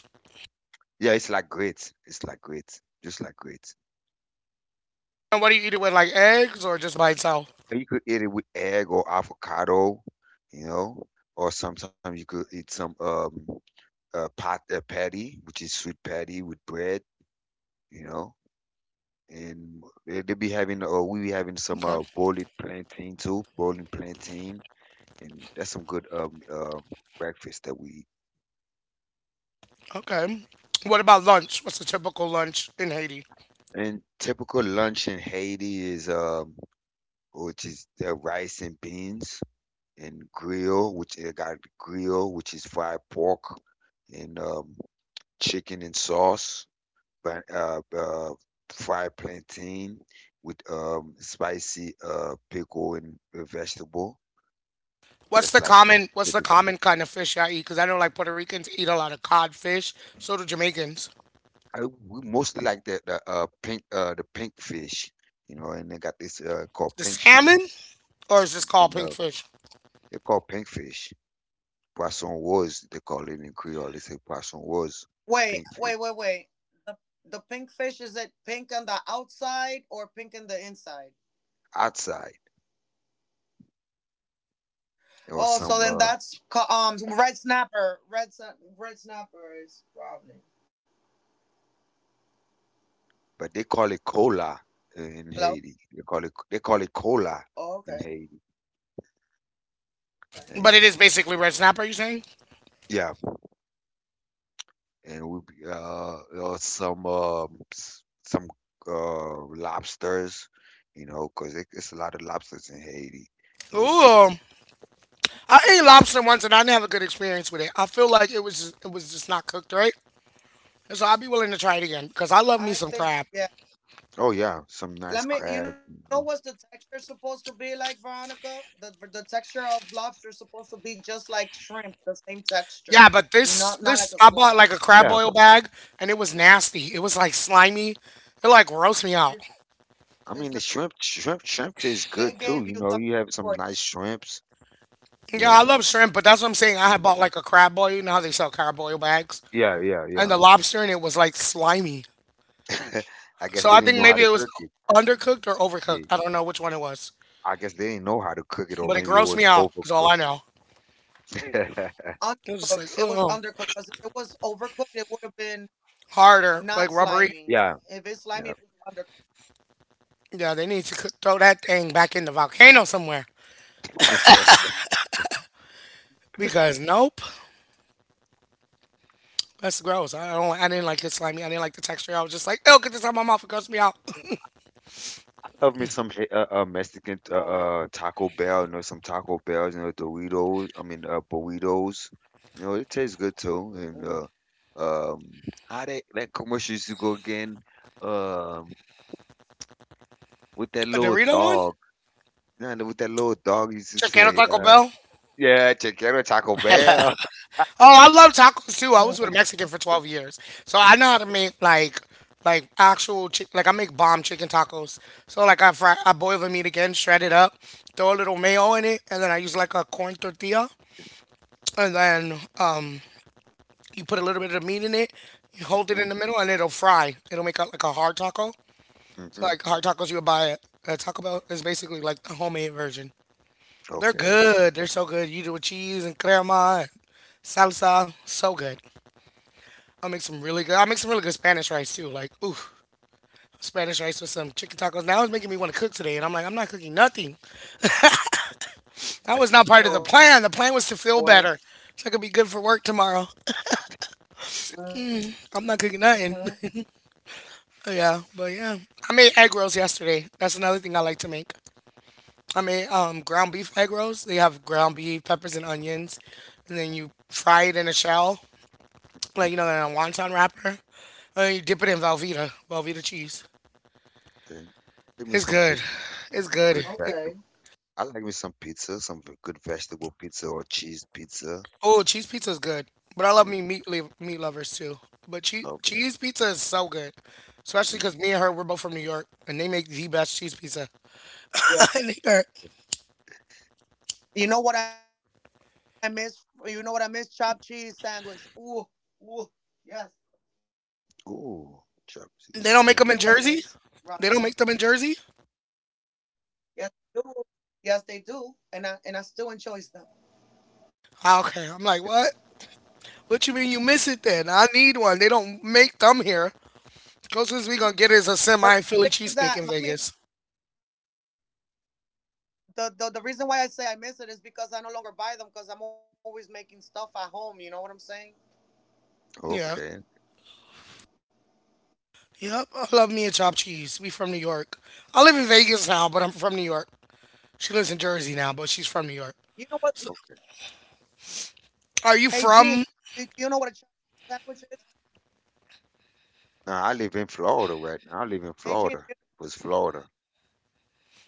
S3: Yeah, it's like grits. It's like grits, just like grits.
S1: And what do you eat it with? Like eggs or just by itself?
S3: And you could eat it with egg or avocado, you know, or sometimes you could eat some um uh pot uh, patty, which is sweet patty with bread, you know. And they, they be having or we be having some
S1: Okay,
S3: uh boiled plantain too, boiling plantain, and that's some good um uh breakfast that we eat.
S1: okay. What about lunch? What's a typical lunch in Haiti?
S3: And typical lunch in Haiti is um, which is the rice and beans and grill, which they got grill, which is fried pork and um, chicken and sauce, but uh, uh, fried plantain with um, spicy uh, pickle and uh, vegetable.
S1: What's
S3: That's
S1: the
S3: like most
S1: common, what's the common
S3: typical.
S1: kind of fish I eat? Because I know like Puerto Ricans eat a lot of codfish. So do Jamaicans.
S3: I We mostly like the, the uh, pink uh, the pink fish, you know, and they got this uh, called
S1: The
S3: pink fish,
S1: salmon, or is this called
S3: and uh,
S1: pink fish?
S3: they call pink fish. Poisson was, they call it in Creole, they say Poisson was
S2: Wait,
S3: pink fish
S2: wait, wait, wait. The the pink fish, is it pink on the outside or pink on the inside?
S3: outside or
S2: Oh, so
S3: some,
S2: then
S3: uh,
S2: that's ca- um red snapper. Red sna- red snapper is probably
S3: but they call it cola uh, in
S2: hello.
S3: Haiti. They call it they call it cola
S2: Oh, okay,
S3: in Haiti,
S2: okay.
S1: But
S3: and
S1: it is basically red snapper. You saying?
S3: yeah, and we be, uh, or some um, s- some uh, lobsters, you know, 'cause it, it's a lot of lobsters in Haiti. So,
S1: Ooh, I ate lobster once and I didn't have a good experience with it. I feel like it was just, it was just not cooked right. So I'd be willing to try it again because I love
S2: I
S1: me some
S2: think
S1: crab.
S2: yeah.
S3: oh yeah, some nice
S2: Let me. You
S3: crab,
S2: know what's
S3: you
S2: the
S3: know.
S2: texture supposed to be like, Veronica? The the texture of lobster is supposed to be just like shrimp, the same texture,
S1: Yeah, but
S2: not not
S1: this
S2: like a
S1: this I
S2: slob.
S1: bought like a crab
S3: Yeah,
S1: oil bag and it was nasty. It was like slimy. It like grossed me
S2: It-
S1: out.
S3: I
S2: It's not.
S3: mean the shrimp, shrimp, shrimp
S2: They
S3: tastes
S2: gave
S3: good
S2: you
S3: too.
S2: something
S3: You know, you
S2: for
S3: have some nice shrimps.
S1: Yeah, I
S3: You
S1: love shrimp, but that's what
S2: you.
S1: I'm saying. I
S2: Mm-hmm.
S1: had
S3: know,
S1: bought like a crab boil. You know how they sell crab boil bags?
S3: yeah, yeah,
S1: And
S3: yeah.
S1: the lobster in it was like slimy.
S3: I guess
S1: So
S3: they
S1: I
S3: didn't
S1: think
S3: know how
S1: maybe
S3: to
S1: it was
S3: cook it.
S1: undercooked or overcooked.
S3: They,
S1: I don't know which one it was,
S3: I guess they didn't know how to cook it, or
S1: but it
S3: maybe it
S1: grossed
S3: was
S1: me out. Is all
S3: overcooked.
S1: I know.
S2: Undercooked.
S1: It was
S2: It
S1: just like
S2: was undercooked
S1: oh,
S2: because if it was overcooked, it would have been not
S1: harder, like
S2: slimy.
S1: rubbery.
S2: If
S3: Yeah,
S2: it's slimy, it was
S3: yeah.
S2: undercooked.
S1: Yeah, they need to cook, throw that thing back in the volcano somewhere
S2: Mm,
S1: because nope, that's gross. I don't. I didn't like it slimy. I didn't like the texture. I was just like, oh, get this out of my mouth. It grossed me out.
S3: Love me some he- uh, uh, Mexican
S2: no
S3: uh,
S2: way.
S3: uh, Taco Bell, you know, some Taco Bells, you know, Doritos. I mean, uh, burritos. You know, it tastes good too. And uh,
S2: Mm.
S3: um, how that that commercial used to go again? Um, with that
S1: A
S3: little
S1: Dorito one.
S3: dog. No, no, with that little dog used to
S1: Chicken
S3: say,
S1: Taco
S3: uh,
S1: Bell.
S3: "Yeah, check out Taco Bell."
S1: Oh, I love tacos too. I was with a Mexican for twelve years. So I know how to make like like actual chick like I make bomb chicken tacos. So like I fry I boil the meat again, shred it up, throw a little mayo in it, and then I use like a corn tortilla and then uh, you put a little bit of meat in it, you hold it in
S3: Mm-mm,
S1: the middle and it'll fry. It'll make out like a hard taco. So
S3: mm-mm.
S1: like hard tacos you would buy at at Taco Bell is basically like a homemade version. They're
S3: Okay, okay.
S1: good. They're so good. You do with cheese and crema and salsa. So good. I'll make some really good. I'll make some really good Spanish rice too. Like, ooh, Spanish rice with some chicken tacos. Now it's making me want to cook today, and I'm like, I'm not cooking nothing. That was not part of the plan. The plan was to
S2: no
S1: feel
S2: way.
S1: better, so I could be good for work tomorrow. I'm not cooking nothing.
S2: Hmm.
S1: yeah, but yeah, I made egg rolls yesterday. That's another thing I like to make. I made um, ground beef egg rolls. They have ground beef, peppers, and onions, and then you fry it in a shell, like you know, in a wonton wrapper. And you dip it in Velveeta, Velveeta cheese.
S3: Okay. Give me
S1: It's
S3: some
S1: good.
S3: pizza,
S1: It's
S3: some
S1: good.
S3: good
S2: Okay.
S3: vegetable. I like me some pizza, some v- good vegetable pizza or cheese pizza.
S1: Oh, cheese pizza is good, but I love
S3: Mm,
S1: me meat li- meat lovers too. But cheese
S3: love
S1: cheese pizza is so good,
S3: it.
S1: especially
S3: Mm.
S1: because me and her we're both from New York, and they make the best cheese pizza.
S2: Yeah.
S1: And they are-
S2: You know what I miss? You know what I miss? Chopped cheese sandwich. Ooh, ooh. Yes.
S3: Ooh, chopped cheese
S1: they don't make
S2: You
S1: them
S2: know
S3: sandwich.
S1: in
S2: what it
S1: Jersey.
S2: is,
S1: They don't make them in
S2: Veronica.
S1: Jersey.
S2: Yes, they do. Yes, they do. And I, and I still enjoy them.
S1: Ah, okay, I'm like, what? What you mean you miss it then? I need one. They don't make them here. Closest we gonna get
S2: The,
S1: is a
S2: the thing
S1: semi
S2: is
S1: Philly
S2: that,
S1: cheesesteak
S2: mommy,
S1: in Vegas.
S2: the, the the reason why I say I miss it is because I no longer buy them because I'm always making stuff at home. You know what I'm saying?
S1: Yeah.
S3: Okay,
S1: Yep, I love me a chopped cheese. We from New York. I live in Vegas now, but I'm from New York. She lives in Jersey now, but she's from New York.
S2: You know
S1: So,
S2: what?
S3: okay.
S2: Hey
S1: are you
S2: Gene, do
S1: from
S2: do you know what a chopped sandwich is?
S3: Now I live in Florida right now. I live in
S2: Hey
S3: Florida.
S2: Gene, do you,
S3: Was Florida,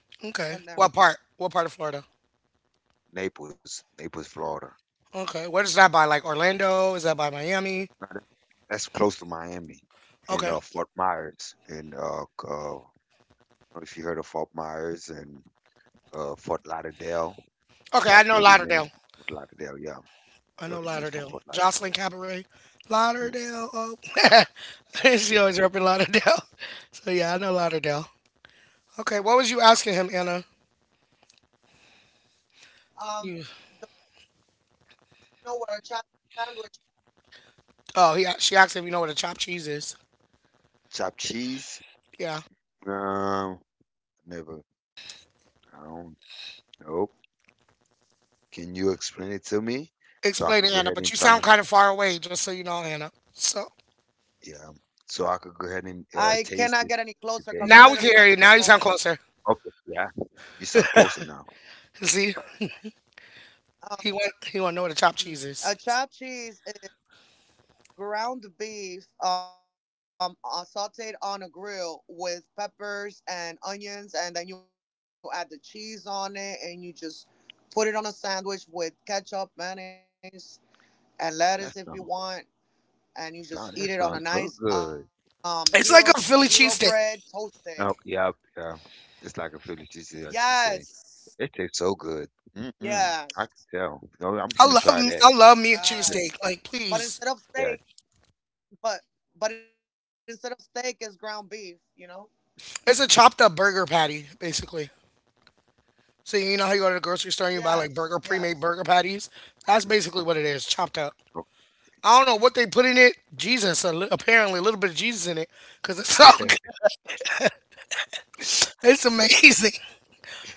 S2: uh, never
S1: okay.
S2: mind.
S1: What part? What part of Florida?
S3: Naples, Naples, Florida.
S1: Okay. Where is that by? Like Orlando? Is that by
S3: Now
S1: Miami?
S3: that, that's close to Miami, in uh,
S1: Okay.
S3: Fort Myers, in uh, c- uh, if you heard of Fort Myers and uh, Fort Lauderdale, it's
S1: Okay.
S3: like
S1: I know
S3: thirty minutes
S1: Lauderdale.
S3: from Fort Lauderdale. Yeah,
S1: I know
S3: thirty minutes from
S1: Lauderdale.
S3: Fort Lauderdale.
S1: Jocelyn Cabaret.
S3: Mm-hmm.
S1: Lauderdale. Oh. she always repping Lauderdale. So yeah, I know Lauderdale. Okay. What was you asking him, Anna? You.
S2: Um, do you know what a chopped sandwich? Is?
S1: Oh, he. She asked if you know what a chopped cheese is.
S3: Chopped cheese?
S1: Yeah.
S3: Um, never. I don't know. Can you explain it to me so I
S1: Explain
S3: could
S1: it,
S3: go
S1: Anna.
S3: ahead
S1: But
S3: and
S1: you
S3: find
S1: sound
S3: it?
S1: kind of far away, just so you know, Anna. So
S3: Yeah. So I could go ahead and
S2: I
S3: uh,
S2: cannot get
S3: taste
S2: any
S3: it
S2: closer
S3: today.
S2: because I'm
S1: now we
S2: literally
S1: can
S2: next
S1: hear
S2: to
S1: you.
S2: the
S1: Now you sound
S2: phone.
S1: closer.
S3: Okay. Yeah. You sound closer now.
S1: See, he want he want to know
S2: Um,
S1: what a chopped
S2: a
S1: cheese
S2: chopped
S1: is.
S2: cheese. Ground beef, um, uh, sauteed on a grill with peppers and onions, and then you add the cheese on it and you just put it on a sandwich with ketchup, mayonnaise, and lettuce if you
S3: That sound,
S2: want, and you just eat
S3: Sound
S2: it
S3: that
S2: on a
S3: sounds so
S2: nice um
S3: good.
S2: hero, uh,
S1: It's like
S2: hero
S1: a Philly
S2: bread,
S1: cheesesteak.
S2: toasted.
S3: Oh, yeah, yeah. It's like a Philly cheesesteak, like she
S2: Yes,
S3: say. It tastes so good. Mm-mm. I can
S2: yes,
S3: tell. No, I'm
S1: I
S3: finna
S1: love
S3: try that.
S1: I
S2: yes,
S1: love me meat
S2: but but
S1: cheesesteak. Like,
S2: instead of
S1: please,
S2: steak,
S3: Yeah.
S2: but but instead of steak is ground beef, you know.
S1: it's a chopped up burger patty, basically. So you know how you go to the grocery store and you buy like
S2: Yes,
S1: burger
S2: yes.
S1: pre-made burger patties. That's basically
S3: You
S1: what it is, chopped up.
S3: know.
S1: I don't know what they put in it. Jesus, a li- apparently a little bit of Jesus in it, cause it's all good. It's amazing,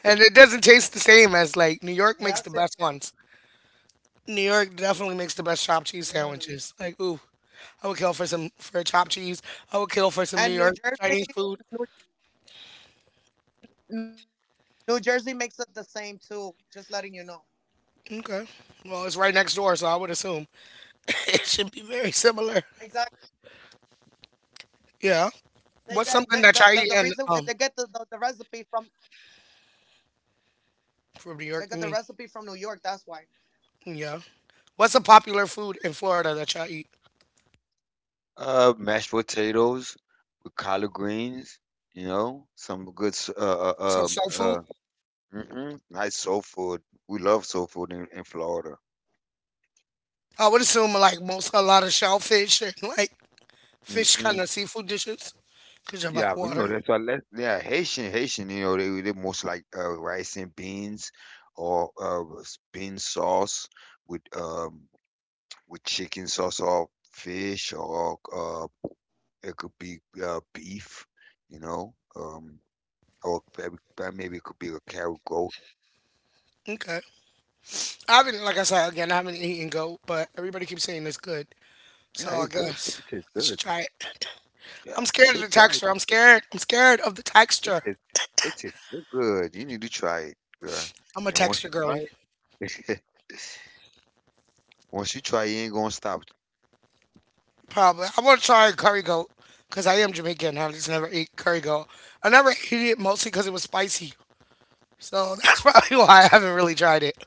S1: and it doesn't taste the same as like New
S2: Yes,
S1: York
S2: it
S1: makes the best ones. New York definitely makes the best chopped
S2: Mm.
S1: cheese sandwiches. Like, ooh, I would kill for some for a chopped cheese. I
S2: And
S1: would
S2: New
S1: kill for some New
S2: Jersey,
S1: York Chinese
S2: New,
S1: food.
S2: New Jersey makes it the same too. Just letting you know.
S1: Okay, well, it's right next door, so I would assume. It should be very similar.
S2: Exactly.
S1: Yeah.
S2: They get they, the,
S1: What's
S2: the the
S1: something that
S2: reason,
S1: y'all
S2: eh,
S1: eat
S2: they
S1: in
S2: get the,
S1: um
S2: the the recipe from they got
S1: from New
S2: the
S1: York? I
S2: recipe
S1: mean,
S2: from New York. That's why.
S1: yeah. What's a popular food in Florida that y'all eat?
S3: Uh, mashed potatoes, collard greens, you know, some good, s- uh,
S1: So
S3: uh, um,
S1: soul food.
S3: uh, mm nice soul food. We love soul food in, in Florida.
S1: I would assume like most a lot of shellfish and like fish kind
S3: Mm-mm.
S1: of seafood dishes because you're by the
S3: Yeah, we know
S1: water.
S3: that's why. Let yeah, Haitian, Haitian, you know, they they most like uh, rice and beans, or uh, s- bean sauce with um with chicken sauce or fish or uh it could be uh, beef, you know, um or maybe maybe it could be a carrot goat.
S1: Okay. I haven't, like I said again, I haven't eaten goat, but everybody keeps saying it's good, so
S3: Yeah,
S1: I
S3: it's good.
S1: guess
S3: It tastes
S1: I should
S3: good.
S1: try it.
S3: Yeah,
S1: I'm
S3: you
S1: scared of
S3: should
S1: the
S3: try it.
S1: texture. I'm
S3: It
S1: scared. I'm scared of the
S3: it
S1: texture.
S3: is it is so good. You need to try it, girl.
S1: I'm a
S3: And once
S1: texture
S3: you try
S1: girly.
S3: it, once you try, it, you ain't gonna stop.
S1: Probably. I want to try curry goat because I am Jamaican. I just never eat curry goat. I never ate it mostly because it was spicy. So that's probably why I haven't really tried it.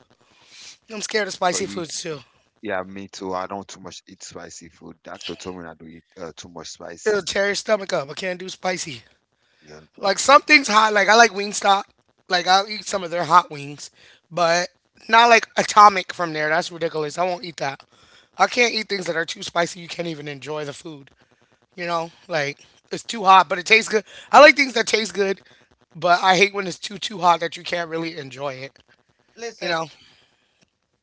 S1: I'm scared of
S3: So
S1: spicy
S3: you,
S1: foods too.
S3: yeah, me too. I don't too much eat spicy food. Doctor told me I do eat uh, too much
S1: It'll
S3: spicy.
S1: tear your stomach up. I can't do spicy.
S3: Yeah,
S1: Like some things hot. Like I like Wingstop. Like I'll eat some of their hot wings, but not like Atomic from there. That's ridiculous. I won't eat that. I can't eat things that are too spicy. You can't even enjoy the food. You know, like it's too hot, but it tastes good.
S2: Correct.
S1: I like things that taste good, but I hate when it's too too hot that you can't really enjoy it. You know,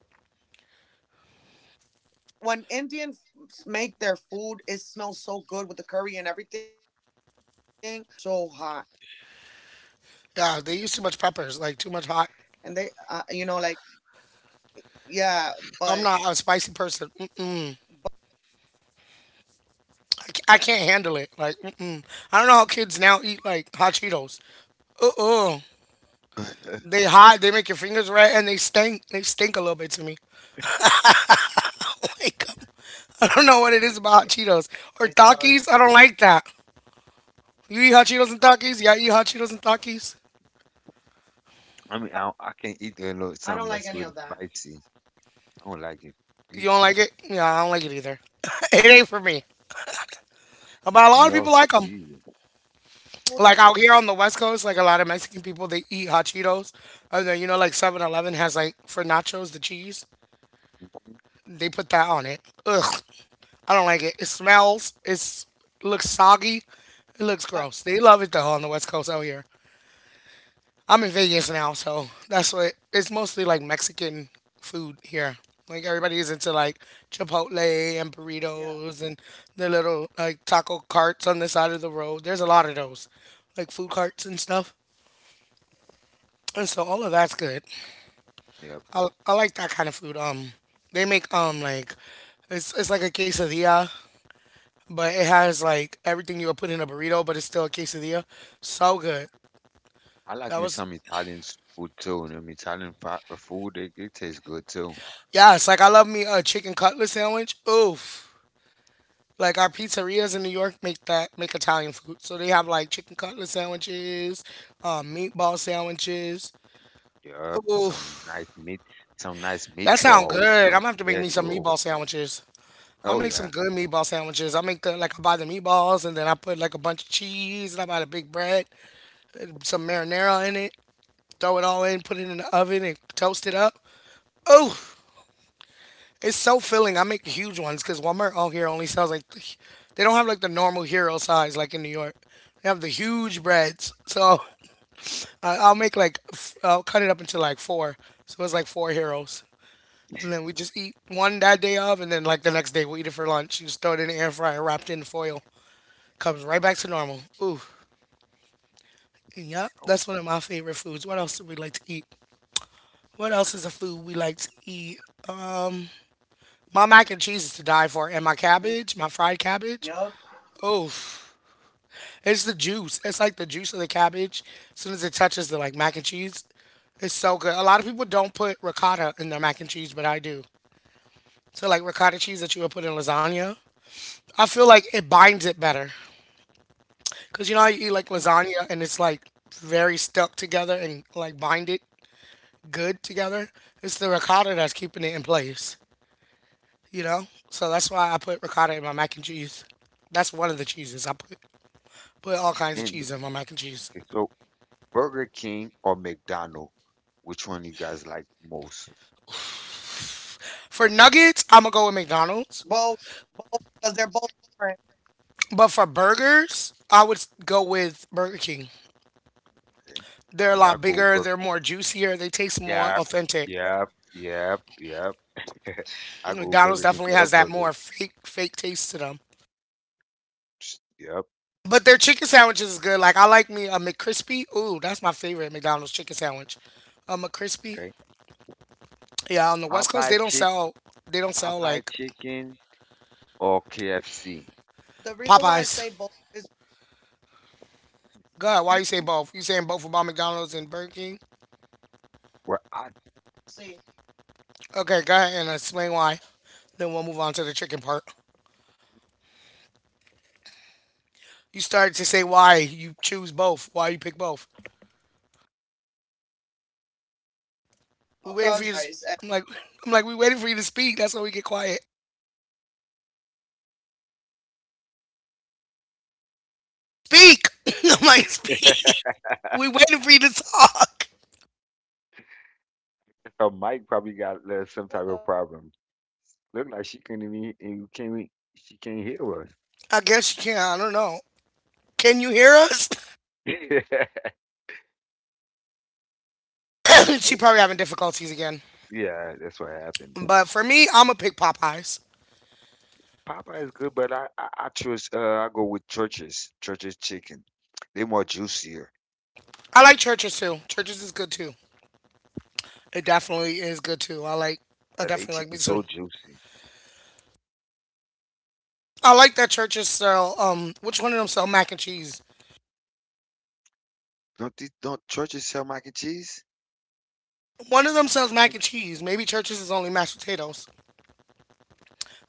S2: Listen, when Indians make their food, it smells so good with the curry and everything. But once you try it, it's explosively so so
S1: yeah, they
S2: hot,
S1: use too much peppers,
S2: and
S1: like
S2: they,
S1: too much
S2: uh,
S1: hot.
S2: you know, like yeah. But
S1: I'm not a
S2: but
S1: spicy person.
S2: besides
S1: Mm-mm.
S2: that, it tastes so good.
S1: I ca- I can't handle it. Like, mm-mm. I don't know how kids now eat like hot Cheetos. Uh-uh. They hot.
S2: I
S1: They
S2: can't
S1: make your
S2: do
S1: fingers
S2: that. It
S1: red,
S2: is
S1: and they
S2: disgusting.
S1: stink. They stink a little bit to me. Like, um, I don't know what it is about hot
S2: It
S1: Cheetos
S2: does.
S1: or Takis. I don't like that. You eat hot Cheetos and Takis? Yeah, I eat hot Cheetos and Takis.
S2: I don't like that.
S3: I mean I,
S2: I
S3: I
S2: don't like
S3: can't
S2: any
S3: eat
S2: of
S3: a
S2: that.
S3: lot something that's really spicy. I don't like it
S1: You
S3: either.
S1: don't like it? Yeah, I don't like it either. it ain't for me. But a lot
S3: Me
S1: of people
S3: also,
S1: like them.
S3: hmm.
S2: I like the fact.
S1: Like out here on the West Coast,
S2: I,
S1: like a
S2: I
S1: lot of
S2: like the
S1: Mexican
S2: food that.
S1: people,
S2: I,
S1: they eat hot Cheetos. And then, you know, like Seven Eleven has like for nachos, the cheese. They put that on it.
S2: yeah.
S1: Ugh. I don't like it. It smells. It's looks soggy.
S2: Like,
S1: It looks gross. They love it though on the West Coast out here. I'm in Vegas now, so that's what it's mostly like Mexican food here. Like everybody is into like Chipotle
S2: yeah.
S1: and burritos and the little like taco carts on the side of the road. There's a lot of those, like food carts and stuff. And so all of that's good.
S2: Mm,
S3: Yep.
S1: I, I like that kind of food. Um, they make um like it's it's like a quesadilla, but it has like everything you would put in a burrito, but it's still a quesadilla. So good.
S3: I like
S1: That
S3: me
S1: was
S3: some Italian s- food too. And Italian fa- food, it, it tastes good too.
S1: yeah. It's like I love me a chicken cutlet sandwich. Oof. Like our pizzerias in New York make that make Italian food. So they have like chicken cutlet sandwiches, um, meatball sandwiches.
S3: Yep,
S1: Ooh,
S3: some nice meat, some nice
S1: that sound
S3: meatball with
S1: good. I'm
S3: some
S1: gonna have to make me
S3: spaghetti.
S1: some
S3: Oh,
S1: meatball sandwiches. I
S3: oh
S1: make some
S3: yeah.
S1: good meatball sandwiches. I make the like I buy the meatballs and then I put like a bunch of cheese and I buy the big bread, some marinara in it, throw it all in, put it in the oven and toast it
S2: yeah.
S1: up. Ooh, it's self filling. I make huge ones because Walmart out here only sells like the- they don't have like the normal hero size like in New York. They have the huge breads, so I, I'll make like f- I'll cut it up into like four, so it's like four heroes, and then we just
S2: Mm,
S1: eat one that day of, and then like the next day we will eat it for lunch. You just throw it in the air fryer, wrapped in foil, comes right back to normal. Ooh,
S2: mm, mm.
S1: yeah,
S3: Oh,
S2: Yup.
S1: that's one of my favorite foods. What else do we like to eat? What else is a food we like to eat? My mac and cheese is to die for, and my cabbage, my fried cabbage. Oh, it's the juice. It's like the juice of the cabbage. As soon as it touches the like mac and cheese, it's so good. A lot of people don't put ricotta in their mac and cheese, but I do. So like ricotta cheese that you would put in lasagna,
S2: Oh.
S1: I feel like it binds it better.
S2: Mhm.
S1: Cause you know how you eat like lasagna and it's
S2: Mm.
S1: like very stuck together and like bind it good together. It's the ricotta that's
S2: Mhm.
S1: keeping it in place. You know, so that's why I put ricotta in my mac and cheese.
S2: Okay.
S1: That's one of the cheeses I put. Put all kinds of
S3: and
S1: cheese in my mac and cheese.
S3: okay, so Burger King or McDonald's, which one you guys like most?
S1: For nuggets, I'm
S2: Both.
S1: gonna go with
S2: Both
S1: McDonald's.
S2: because they're both different.
S1: But for
S2: I like
S1: burgers,
S2: both
S1: I would s-
S2: because they're
S1: go
S2: both
S1: with
S2: different.
S1: Burger King.
S3: Okay.
S1: They're a
S3: Yeah, I
S1: lot
S3: go
S1: bigger.
S3: Burger.
S1: They're more
S2: I
S1: juicier. They
S2: like
S1: taste
S2: both.
S1: more
S3: Yeah,
S1: authentic.
S3: yep, yep,
S2: Yeah.
S3: yep. I go
S1: McDonald's
S3: Burger King
S1: definitely
S3: for the
S1: has that
S3: burger.
S1: more fake, fake taste to them.
S3: Psst, yep.
S1: But
S2: The
S1: their
S2: reason
S1: chicken
S2: why I say
S1: sandwiches is
S2: both
S1: good. Like I
S2: is
S1: like me a
S2: because it,
S1: McCrispy. Ooh, that's my favorite McDonald's chicken sandwich. A McCrispy.
S3: Okay.
S1: Yeah, on the West Coast
S3: Popeye
S1: they don't
S3: chick,
S1: sell. They don't sell
S3: Popeye
S1: like
S3: chicken or K F C?
S1: Popeyes.
S2: I
S1: God,
S2: like
S1: why you say
S3: Mm-mm.
S2: K F C.
S1: both? You saying both about McDonald's and Burger King?
S3: Well, I,
S2: Oh,
S1: Okay, go ahead and explain
S2: yeah.
S1: why.
S2: I like both.
S1: Then
S2: I
S1: we'll move on to the chicken part.
S2: It's because they both have different flavors. They both
S1: You
S2: have
S1: started
S2: different
S1: to say
S2: ways of
S1: why
S2: making their
S1: you
S2: French
S1: choose
S2: fries.
S1: both,
S2: And
S1: why you pick both.
S2: uh, can you hear me?
S1: We waiting for you to. S- I'm like, I'm like, we waiting for you to speak. That's why we get quiet.
S2: I was talking the whole time.
S1: Speak. I'm like, speak.
S2: What the hell?
S1: We waiting for you to talk.
S2: I'm
S3: so
S2: saying I
S3: Mike
S2: already
S3: probably
S2: said my
S3: got uh,
S2: piece. I
S3: some type
S2: said
S3: of
S2: like I
S3: problem.
S2: both I like
S3: Look
S2: both
S3: like
S2: because
S3: she couldn't
S2: each
S3: even
S2: one
S3: and can't we-
S2: each
S3: she
S2: one.
S3: can't hear us.
S1: I guess she can. Not I don't know. Can you hear us? She
S3: Oh,
S1: probably having difficulties again.
S3: yeah, that's what happened.
S1: But for me, I'm gonna pick Popeyes.
S3: Popeye is good, but I I, I choose uh I go with churches. Churches chicken. They more juicier.
S1: I like Churches too. Churches is good too. It definitely is good too. I like. I
S3: Uh, they
S1: definitely like me
S3: chicken
S1: too.
S3: so juicy.
S1: I like that Churches sell. Um, which one of them sell mac and cheese?
S3: Don't they, don't churches sell mac and cheese?
S1: One of them sells mac and cheese. Maybe Churches is only mashed potatoes.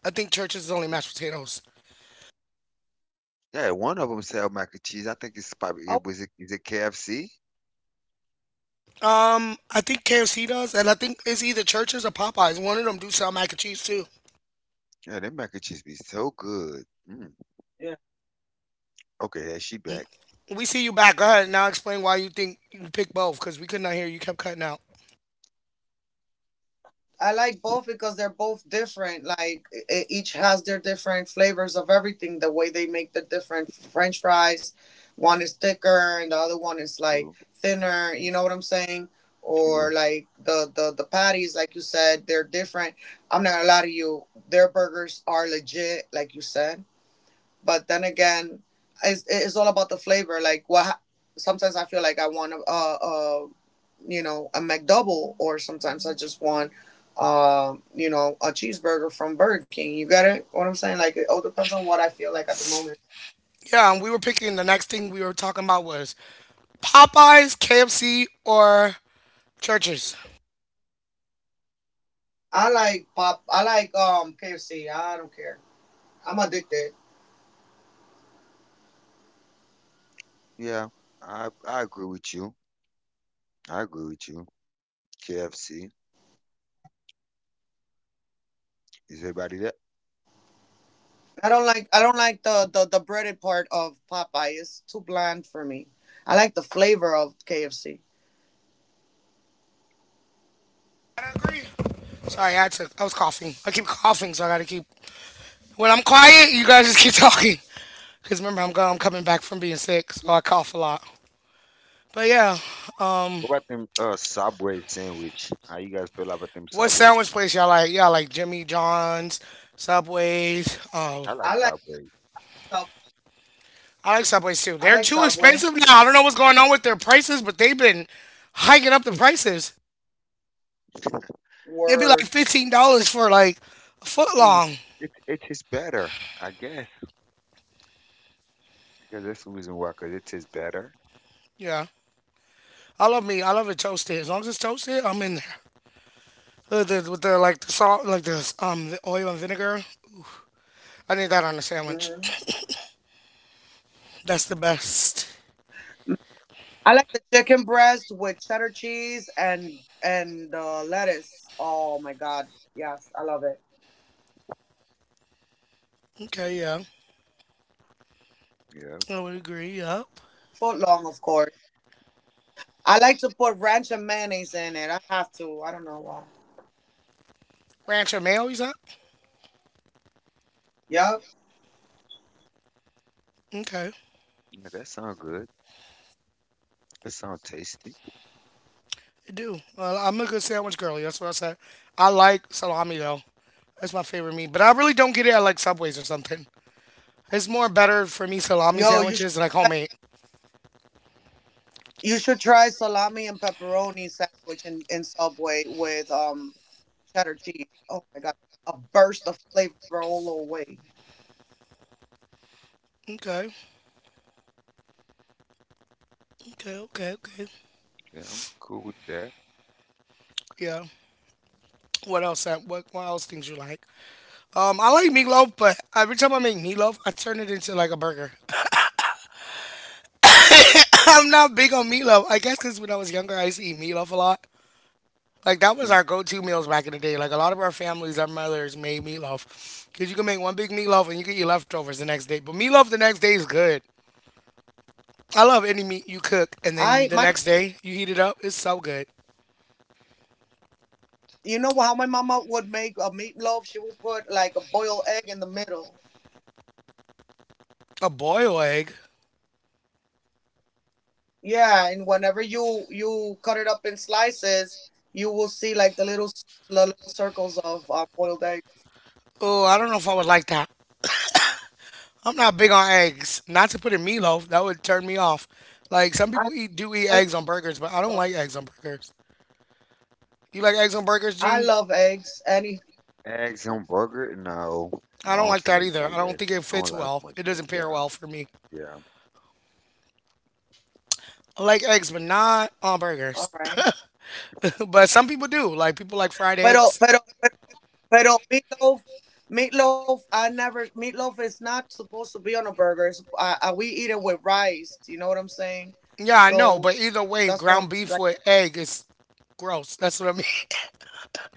S1: I think Church's is only mashed potatoes.
S4: All time.
S3: Yeah, one of them sell mac and cheese. I think it's
S4: Oh,
S3: probably it was it is it K F C?
S1: Um, I think K F C does, and I think it's either Church's or Popeyes. One of them do sell mac and cheese too.
S3: Yeah, them mac and cheese be so good. Mm.
S4: Yeah.
S3: Okay, yeah, she back.
S1: We see you back. Go ahead and now. Explain why you think you picked both, because we could not hear you. Kept cutting out.
S4: I like both because they're both different. Like e- e- each has their different flavors of everything. The way they make the different French fries, one is thicker and the other one is like
S3: True,
S4: thinner. You
S3: true,
S4: know what I'm saying?
S3: true.
S4: Or like the the the patties, like you said, they're different. I'm not gonna lie to you. Their burgers are legit, like you said. But then again, it's it's all about the flavor. Like what. ha- Sometimes I feel like I want a, a, you know, a McDouble, or sometimes I just want, uh, you know, a cheeseburger from Burger King. You got it? What I'm saying? Like, it all depends on what I feel like at the moment.
S1: Yeah, and we were picking. The next thing we were talking about was Popeyes, K F C, or Church's.
S4: I like pop. I like um K F C. I don't care. I'm addicted.
S3: Yeah, I I agree with you. I agree with you. K F C. Is everybody there?
S4: I don't like. I don't like the the the breaded part of Popeye. It's too bland for me. I like the flavor of K F C.
S1: I agree. Sorry, I had to. I was coughing. I keep coughing, so I gotta keep. When I'm quiet, you guys just keep talking. Cause remember, I'm go- I'm coming back from being sick, so I cough a lot. But yeah, um,
S3: What about them uh Subway sandwich? How you guys feel about them
S1: what
S3: Subway
S1: sandwich
S3: sandwich?
S1: place y'all like? Y'all like Jimmy John's, Subway's.
S3: I
S1: Oh,
S3: like
S4: I like
S3: Subway
S4: Sub-
S1: I like Subway's too.
S4: I
S1: They're
S4: like
S1: too
S4: Subway.
S1: expensive now. I don't know what's going on with their prices, but they've been hiking up the prices. It'd be like
S4: Word.
S1: fifteen dollars for like a foot
S3: because it,
S1: long.
S3: it it tastes better, I guess. Because that's the reason why, because it tastes better.
S1: Yeah, I love me. I love it toasted. As long as it's toasted, I'm in there. With the, with the like the salt, like the um the oil and vinegar. I need that on a sandwich.
S4: Mm.
S1: That's the best.
S4: I like the chicken breast with cheddar cheese and and uh, lettuce. Oh my god, yes, I love it.
S1: Okay, yeah,
S3: Yeah,
S1: I would agree. Yup.
S4: Foot long, of course. I like to put ranch and mayonnaise in it. I have to. I don't know why.
S1: Ranch or mayo, is that?
S4: Yep.
S1: Okay.
S3: yeah, that sounds good. That sounds tasty.
S1: I do. Uh, I'm a good sandwich girlie. That's what I said. I like salami though. That's my favorite meat. But I really don't get it at like Subways or something. It's more better for me salami
S4: Yo, you should
S1: sandwiches like
S4: try,
S1: homemade.
S4: you should try salami and pepperoni sandwich in, in Subway with um cheddar cheese. Oh my god, a burst of flavor all the way.
S1: Okay. Okay. Okay. Okay.
S3: Yeah, I'm cool with that.
S1: Yeah. What else? Sam? What, what else things you like? Um, I like meatloaf, but every time I make meatloaf, I turn it into like a burger. I'm not big on meatloaf. I guess because when I was younger, I used to eat meatloaf a lot. Like that was
S3: Mm.
S1: our go-to meals back in the day. Like a lot of our families, our mothers made meatloaf because you can make one big meatloaf and you can eat leftovers the next day. But meatloaf the next day is good. I love any meat you cook and then
S4: I
S1: the
S4: my
S1: next day you heat it up. It's so good.
S4: You know how my mama would make a meatloaf? She would put like a boiled egg in the middle.
S1: A boiled egg.
S4: Yeah, and whenever you you cut it up in slices, you will see like the little s- the little circles of uh, boiled eggs.
S1: Oh, I don't know if I would like that. I'm not big on eggs. Not to put in meatloaf, that would turn me off. Like some
S4: I
S1: people eat do
S4: I
S1: eat
S4: love,
S1: eggs on burgers, but I don't
S4: uh,
S1: like eggs on burgers. You like eggs on burgers,
S4: I
S1: Gene?
S4: love eggs. Any
S3: Eggs on burger? No, no,
S1: I
S3: I
S1: don't
S3: don't
S1: like
S3: too
S1: that
S3: much
S1: either. I
S3: like
S1: don't
S3: that.
S1: think it
S3: I don't
S1: fits
S3: like too
S1: well.
S3: much
S1: It
S3: like
S1: doesn't pair
S3: that.
S1: well for me.
S3: Yeah,
S1: I like eggs, but not on
S4: All
S1: burgers.
S4: right.
S1: But some people do. Like people like fried
S4: pero
S1: eggs.
S4: pero Pero meatloaf, meatloaf, I never, Meatloaf is not supposed to be on a burger. It's, I, I, we eat it with rice. You know what I'm saying?
S1: Yeah, I know,
S4: So
S1: but either way,
S4: that's
S1: ground
S4: what I'm
S1: beef with
S4: like.
S1: egg is gross. That's what I mean.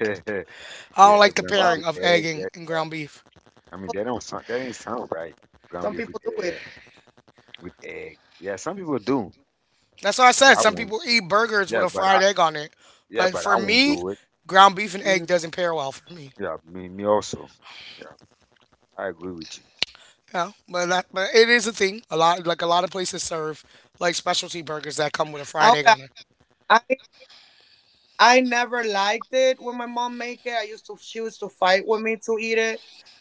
S3: yeah,
S1: I don't
S3: yeah.
S1: like the
S3: Ground beef
S1: pairing
S3: with
S1: of
S4: Well,
S1: egg
S3: egg.
S1: and,
S3: Yeah.
S1: and ground beef.
S4: well,
S3: I mean, that don't sound, that ain't sound right. Ground
S4: some
S3: beef with
S4: people do it.
S3: egg, with egg. Yeah, some people do,
S1: That's what I
S3: but
S1: said.
S3: I
S1: Some
S3: won't.
S1: people eat burgers with
S3: Yeah,
S1: a
S3: but I
S1: fried egg on it.
S3: yeah,
S1: But
S3: but
S1: for
S3: I won't
S1: me,
S3: do it.
S1: ground beef and
S4: Hmm.
S1: egg doesn't pair well for me.
S3: Yeah, me me also. Yeah, I agree with you.
S1: Yeah, but that, but it is a thing. A lot like a lot of places serve like specialty burgers that come with a fried egg on it.
S4: Ahora, I, I never liked it when my mom make it. I used to, she used to fight with me to eat it.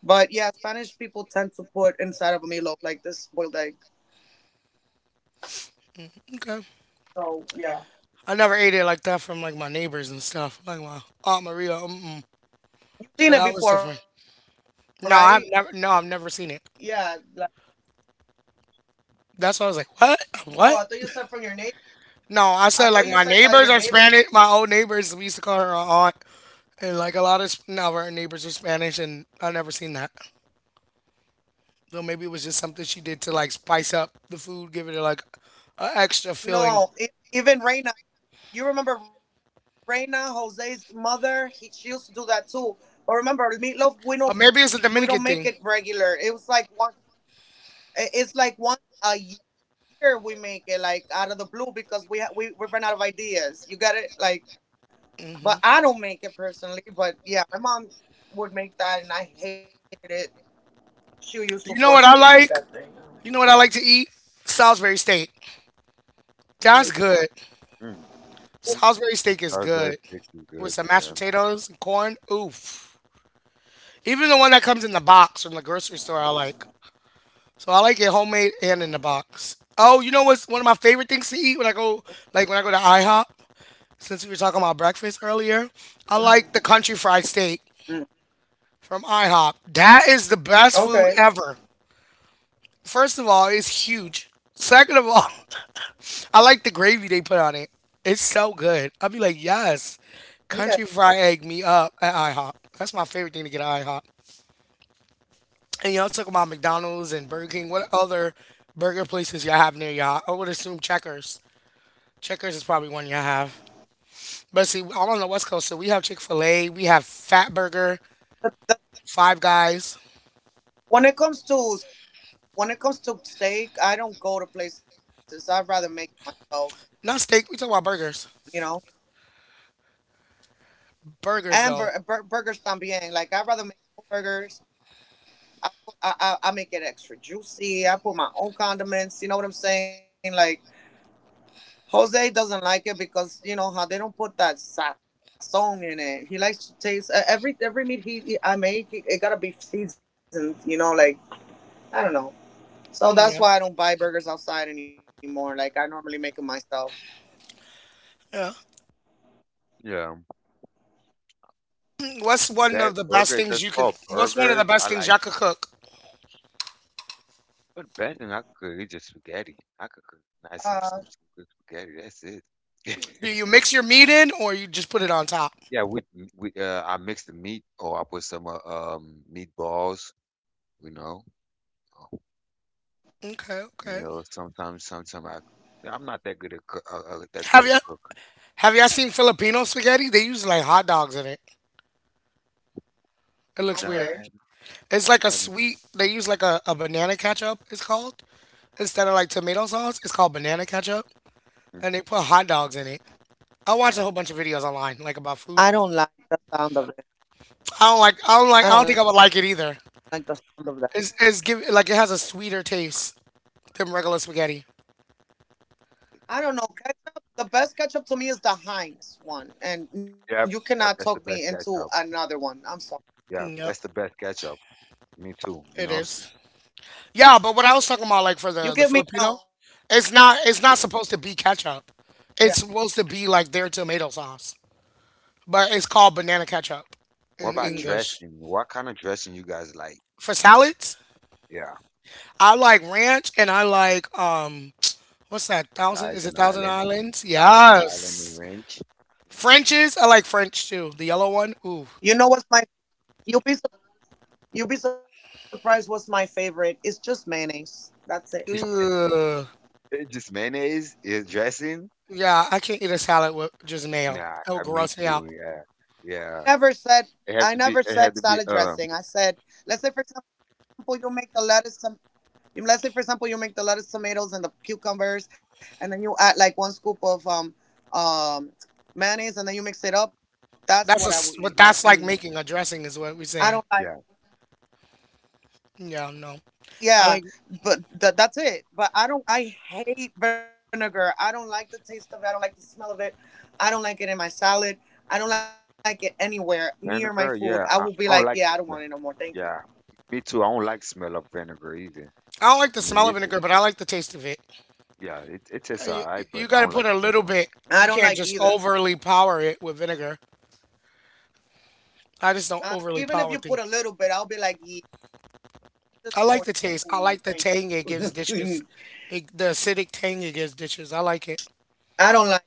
S4: But yeah, Spanish people tend to put inside of a meatloaf like this boiled egg.
S1: Okay.
S4: So
S1: I never
S4: yeah,
S1: ate it like that from like my neighbors and stuff. Like my Aunt Maria. Mm-mm. So that was different.
S4: seen it before,
S1: No,
S4: right?
S1: I've never. No, I've never seen it.
S4: Yeah. Like,
S1: That's why I was like, what?
S4: oh,
S1: What?
S4: I thought you said from your neighbor.
S1: No, I said like my
S4: I
S1: neighbors
S4: thought
S1: are
S4: you said
S1: Spanish.
S4: that
S1: My
S4: your
S1: old
S4: neighbor.
S1: neighbors, we used to call her our aunt, and like a lot of Sp- now our neighbors are Spanish, and I never seen that. So maybe it was just something she did to like spice up the food, give it like an extra feeling,
S4: No, e- Even Reina. You remember Reina, Jose's mother? He, she used to do that too. But remember,
S1: or
S4: meatloaf we
S1: maybe it's
S4: know
S1: a
S4: we
S1: Dominican
S4: don't make
S1: thing.
S4: it regular. It was like one. i- It's like once a year we make it like out of the blue because we ha- we we run out of ideas. You got it, like.
S1: Hmm
S4: But I don't make it personally. But yeah, my mom would make that, and I hated it. She used
S1: You
S4: to
S1: know what I
S4: force me to eat
S1: like?
S4: that thing.
S1: You know what I like to eat? Salisbury steak. That's
S4: Mm,
S1: good.
S3: Mm. Mm.
S1: Salisbury steak is
S3: Salisbury
S1: good
S3: steak is
S1: with
S3: good.
S1: some mashed
S3: Yeah,
S1: potatoes and corn. Oof. Even the one that comes in the box from the grocery store, I like. So I like it homemade and in the box. Oh, you know what's one of my favorite things to eat when I go, like when I go to IHOP. Since we were talking about breakfast earlier, I like
S4: mm,
S1: the country fried steak
S4: mm.
S1: from IHOP. That is the best
S4: Okay.
S1: food ever. First of all, it's huge. Second of all, I like the gravy they put on it. It's so good. I'll be like, yes,
S4: Okay.
S1: country fried egg me up at IHOP. That's my favorite thing to get at IHOP. And y'all talk about McDonald's and Burger King. What other burger places y'all have near y'all? I would assume Checkers. Checkers is probably one y'all have. But see, I'm on the West Coast, so we have Chick Fil A, we have Fat Burger, Five Guys,
S4: When it comes to, when it comes to steak, I don't go to places. I'd rather make it myself,
S1: not steak. We talk about burgers.
S4: you know.
S1: Burgers
S4: And
S1: though.
S4: bur- bur- burgers también. Like I'd rather make my own burgers. I, put, I I I make it extra juicy. I put my own condiments. You know what I'm saying? Like Jose doesn't like it because you know how they don't put that sazon in it. He likes to taste uh, every every meat he, he I make. It, it gotta be seasoned. You know, like I don't know. So
S1: Mm, Yeah,
S4: that's why I don't buy burgers outside anymore. Like I normally make them myself.
S1: yeah.
S3: yeah.
S1: Mm, What's one
S3: Bag
S1: of the best
S3: burgers.
S1: things
S3: That's
S1: you can?
S3: called
S1: What's one of the
S3: burgers. I
S1: best things
S3: like.
S1: y'all could cook?
S3: But better than I could cook is just spaghetti. I could cook nice some
S4: Ah,
S3: some some good spaghetti. That's it.
S1: Do you mix your meat in, or you just put it on top?
S3: yeah, we we uh I mix the meat or I put some uh, um meatballs. You know, oh,
S1: Okay,
S3: you
S1: okay.
S3: know sometimes sometimes I I'm not that good at cook, uh, uh, that good
S1: Have
S3: at
S1: you
S3: cook.
S1: have y'all seen Filipino spaghetti? They use like hot dogs in it. It looks
S3: No,
S1: weird.
S3: I haven't.
S1: It's like a
S3: I
S4: okay.
S3: haven't.
S1: sweet. They use like a, a banana ketchup. It's called instead of like tomato sauce. It's called banana ketchup, and
S3: Mhm.
S1: they put hot dogs in it. I watch a whole
S3: Wow.
S1: bunch of videos online like about food.
S4: I don't like the sound of it.
S1: I don't like. I don't like. I don't think I would like it either.
S4: I don't like the sound
S1: It's
S4: of that.
S1: it's give like it has a sweeter taste than regular spaghetti.
S4: I don't know. Ketchup, the best ketchup to me is the Heinz one, and
S3: Yep,
S4: you
S3: yep,
S4: cannot
S3: that's the
S4: talk
S3: best
S4: me into
S3: ketchup.
S4: another one. I'm sorry.
S3: Yeah,
S1: Yep,
S3: that's the best ketchup. Me too. Me
S1: it
S3: also.
S1: is. Yeah, but what I was talking about, like for the the Filipino,
S4: You give
S1: it's
S4: me
S1: not
S4: hell.
S1: it's not supposed to be ketchup. It's
S4: Yeah.
S1: supposed to be like their tomato sauce, but it's called banana ketchup
S3: What
S1: in
S3: about
S1: English
S3: dressing?
S4: Mm.
S3: What kind of dressing you guys like?
S1: for salads.
S3: Yeah,
S1: I like ranch and I like um what's that? Thousand is it
S3: Thousand
S1: Thousand
S3: Island,
S1: Islands?
S3: Thousand Island and
S1: Yes.
S3: ranch. Mhm.
S1: French's, I like French too. The yellow one. Ooh.
S4: You know what's my? You'll be sur- you'll be surprised. What's my favorite? It's just mayonnaise. That's it.
S1: Ugh.
S3: It's just mayonnaise is dressing.
S1: Yeah, I can't eat a salad with just mayo.
S3: Nah,
S1: That
S3: I
S1: would
S3: me
S1: gross me out.
S3: too. Yeah, yeah.
S4: Never said.
S3: It have to
S4: I
S3: be.
S4: never
S3: It had to
S4: said
S3: be.
S4: salad
S3: Uh,
S4: dressing. I said, let's say for example, you make the lettuce Um, Let's say, for example, you make the lettuce, tomatoes, and the cucumbers, and then you add like one scoop of um, um, mayonnaise, and then you mix it up. That's
S1: That's a
S4: what I
S1: s-
S4: would
S1: what
S4: eat.
S1: that's
S4: Like,
S1: like
S4: mm.
S1: making a dressing is what we're saying.
S4: I
S3: yeah,
S4: don't like.
S1: Yeah, no. I
S4: Yeah,
S1: like
S4: but th- that's it. But I don't. I hate vinegar. I don't like the taste of it. I don't like the smell of it. I don't like it in my salad. I don't like it anywhere near my
S3: vinegar.
S4: food.
S3: Yeah,
S4: I
S3: I,
S4: will
S3: I
S4: be
S3: don't
S4: like,
S3: like the
S4: yeah, I don't
S3: smell.
S4: want it no more.
S3: Yeah,
S4: Thank you.
S3: me too. I don't like smell of vinegar either.
S1: I don't like
S3: I
S1: the
S3: mean,
S1: smell of
S3: it just
S1: vinegar, but I like the taste of it.
S3: yeah, it it tastes
S1: Uh, You,
S3: alright, but
S1: you
S3: I
S1: got to
S3: don't like
S1: put a
S3: the
S1: little bit. You
S4: I
S1: can't
S4: don't
S1: just
S4: like either.
S1: overly power it with vinegar. I just don't overly
S4: Uh,
S1: power things.
S4: Even if you put a little bit, I'll be like, yeah, just
S1: I
S4: want
S1: like the taste. I
S4: food.
S1: like the
S4: Thank
S1: tang it gives dishes.
S4: you.
S1: It, the acidic tang it gives dishes. I like it.
S4: I don't like.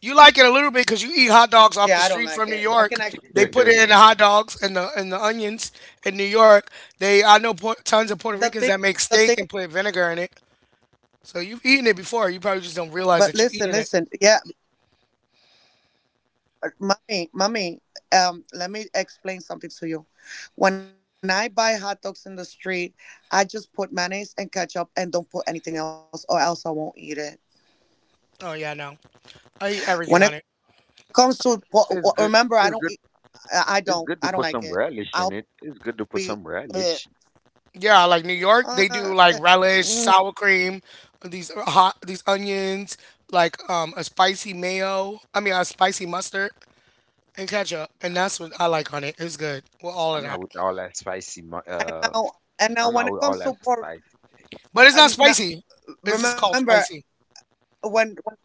S1: You like it a little bit because you eat hot dogs off the
S4: Yeah, I
S1: street
S4: don't
S1: from New
S4: like it.
S1: York.
S4: I can actually.
S1: They
S3: smell.
S1: put it in the hot dogs and the and the onions in New York. They I know Pu- tons of Puerto Ricans that make
S4: The
S1: steak
S4: thing.
S1: and put
S4: The
S1: vinegar in
S4: thing.
S1: it. So you've eaten it before. You probably just don't realize that you're
S4: But
S1: eating it.
S4: listen, listen. Yeah, uh, mommy, mommy. Um, let me explain something to you. When I buy hot dogs in the street, I just put mayonnaise and ketchup and don't put anything else, or else I won't eat it.
S1: Oh yeah, no. I eat everything on it.
S4: When it comes to, po-
S3: It's good.
S4: Remember,
S3: It's
S4: I
S3: good.
S4: don't. Eat,
S3: It's
S4: I
S3: good
S4: I
S3: to put
S4: don't.
S3: some
S4: I don't
S3: relish
S4: like
S3: in it.
S4: it.
S3: It's good to
S4: I'll
S3: put some
S4: be.
S3: relish.
S4: Ugh.
S1: Yeah, like New York, they do like relish,
S4: Uh,
S1: sour cream,
S4: Mm,
S1: these hot, these onions, like um a spicy mayo. I mean, a spicy mustard and ketchup, and that's what I like on it. It's good with all of
S3: I'm not
S1: that,
S3: with all that spicy. mu-
S4: and now,
S3: Uh,
S4: and now when it
S3: I'm not with
S4: comes to
S3: all that
S4: pork
S3: spicy
S1: but it's not
S4: and no-
S1: spicy. It's just called
S4: remember
S1: spicy.
S4: when, when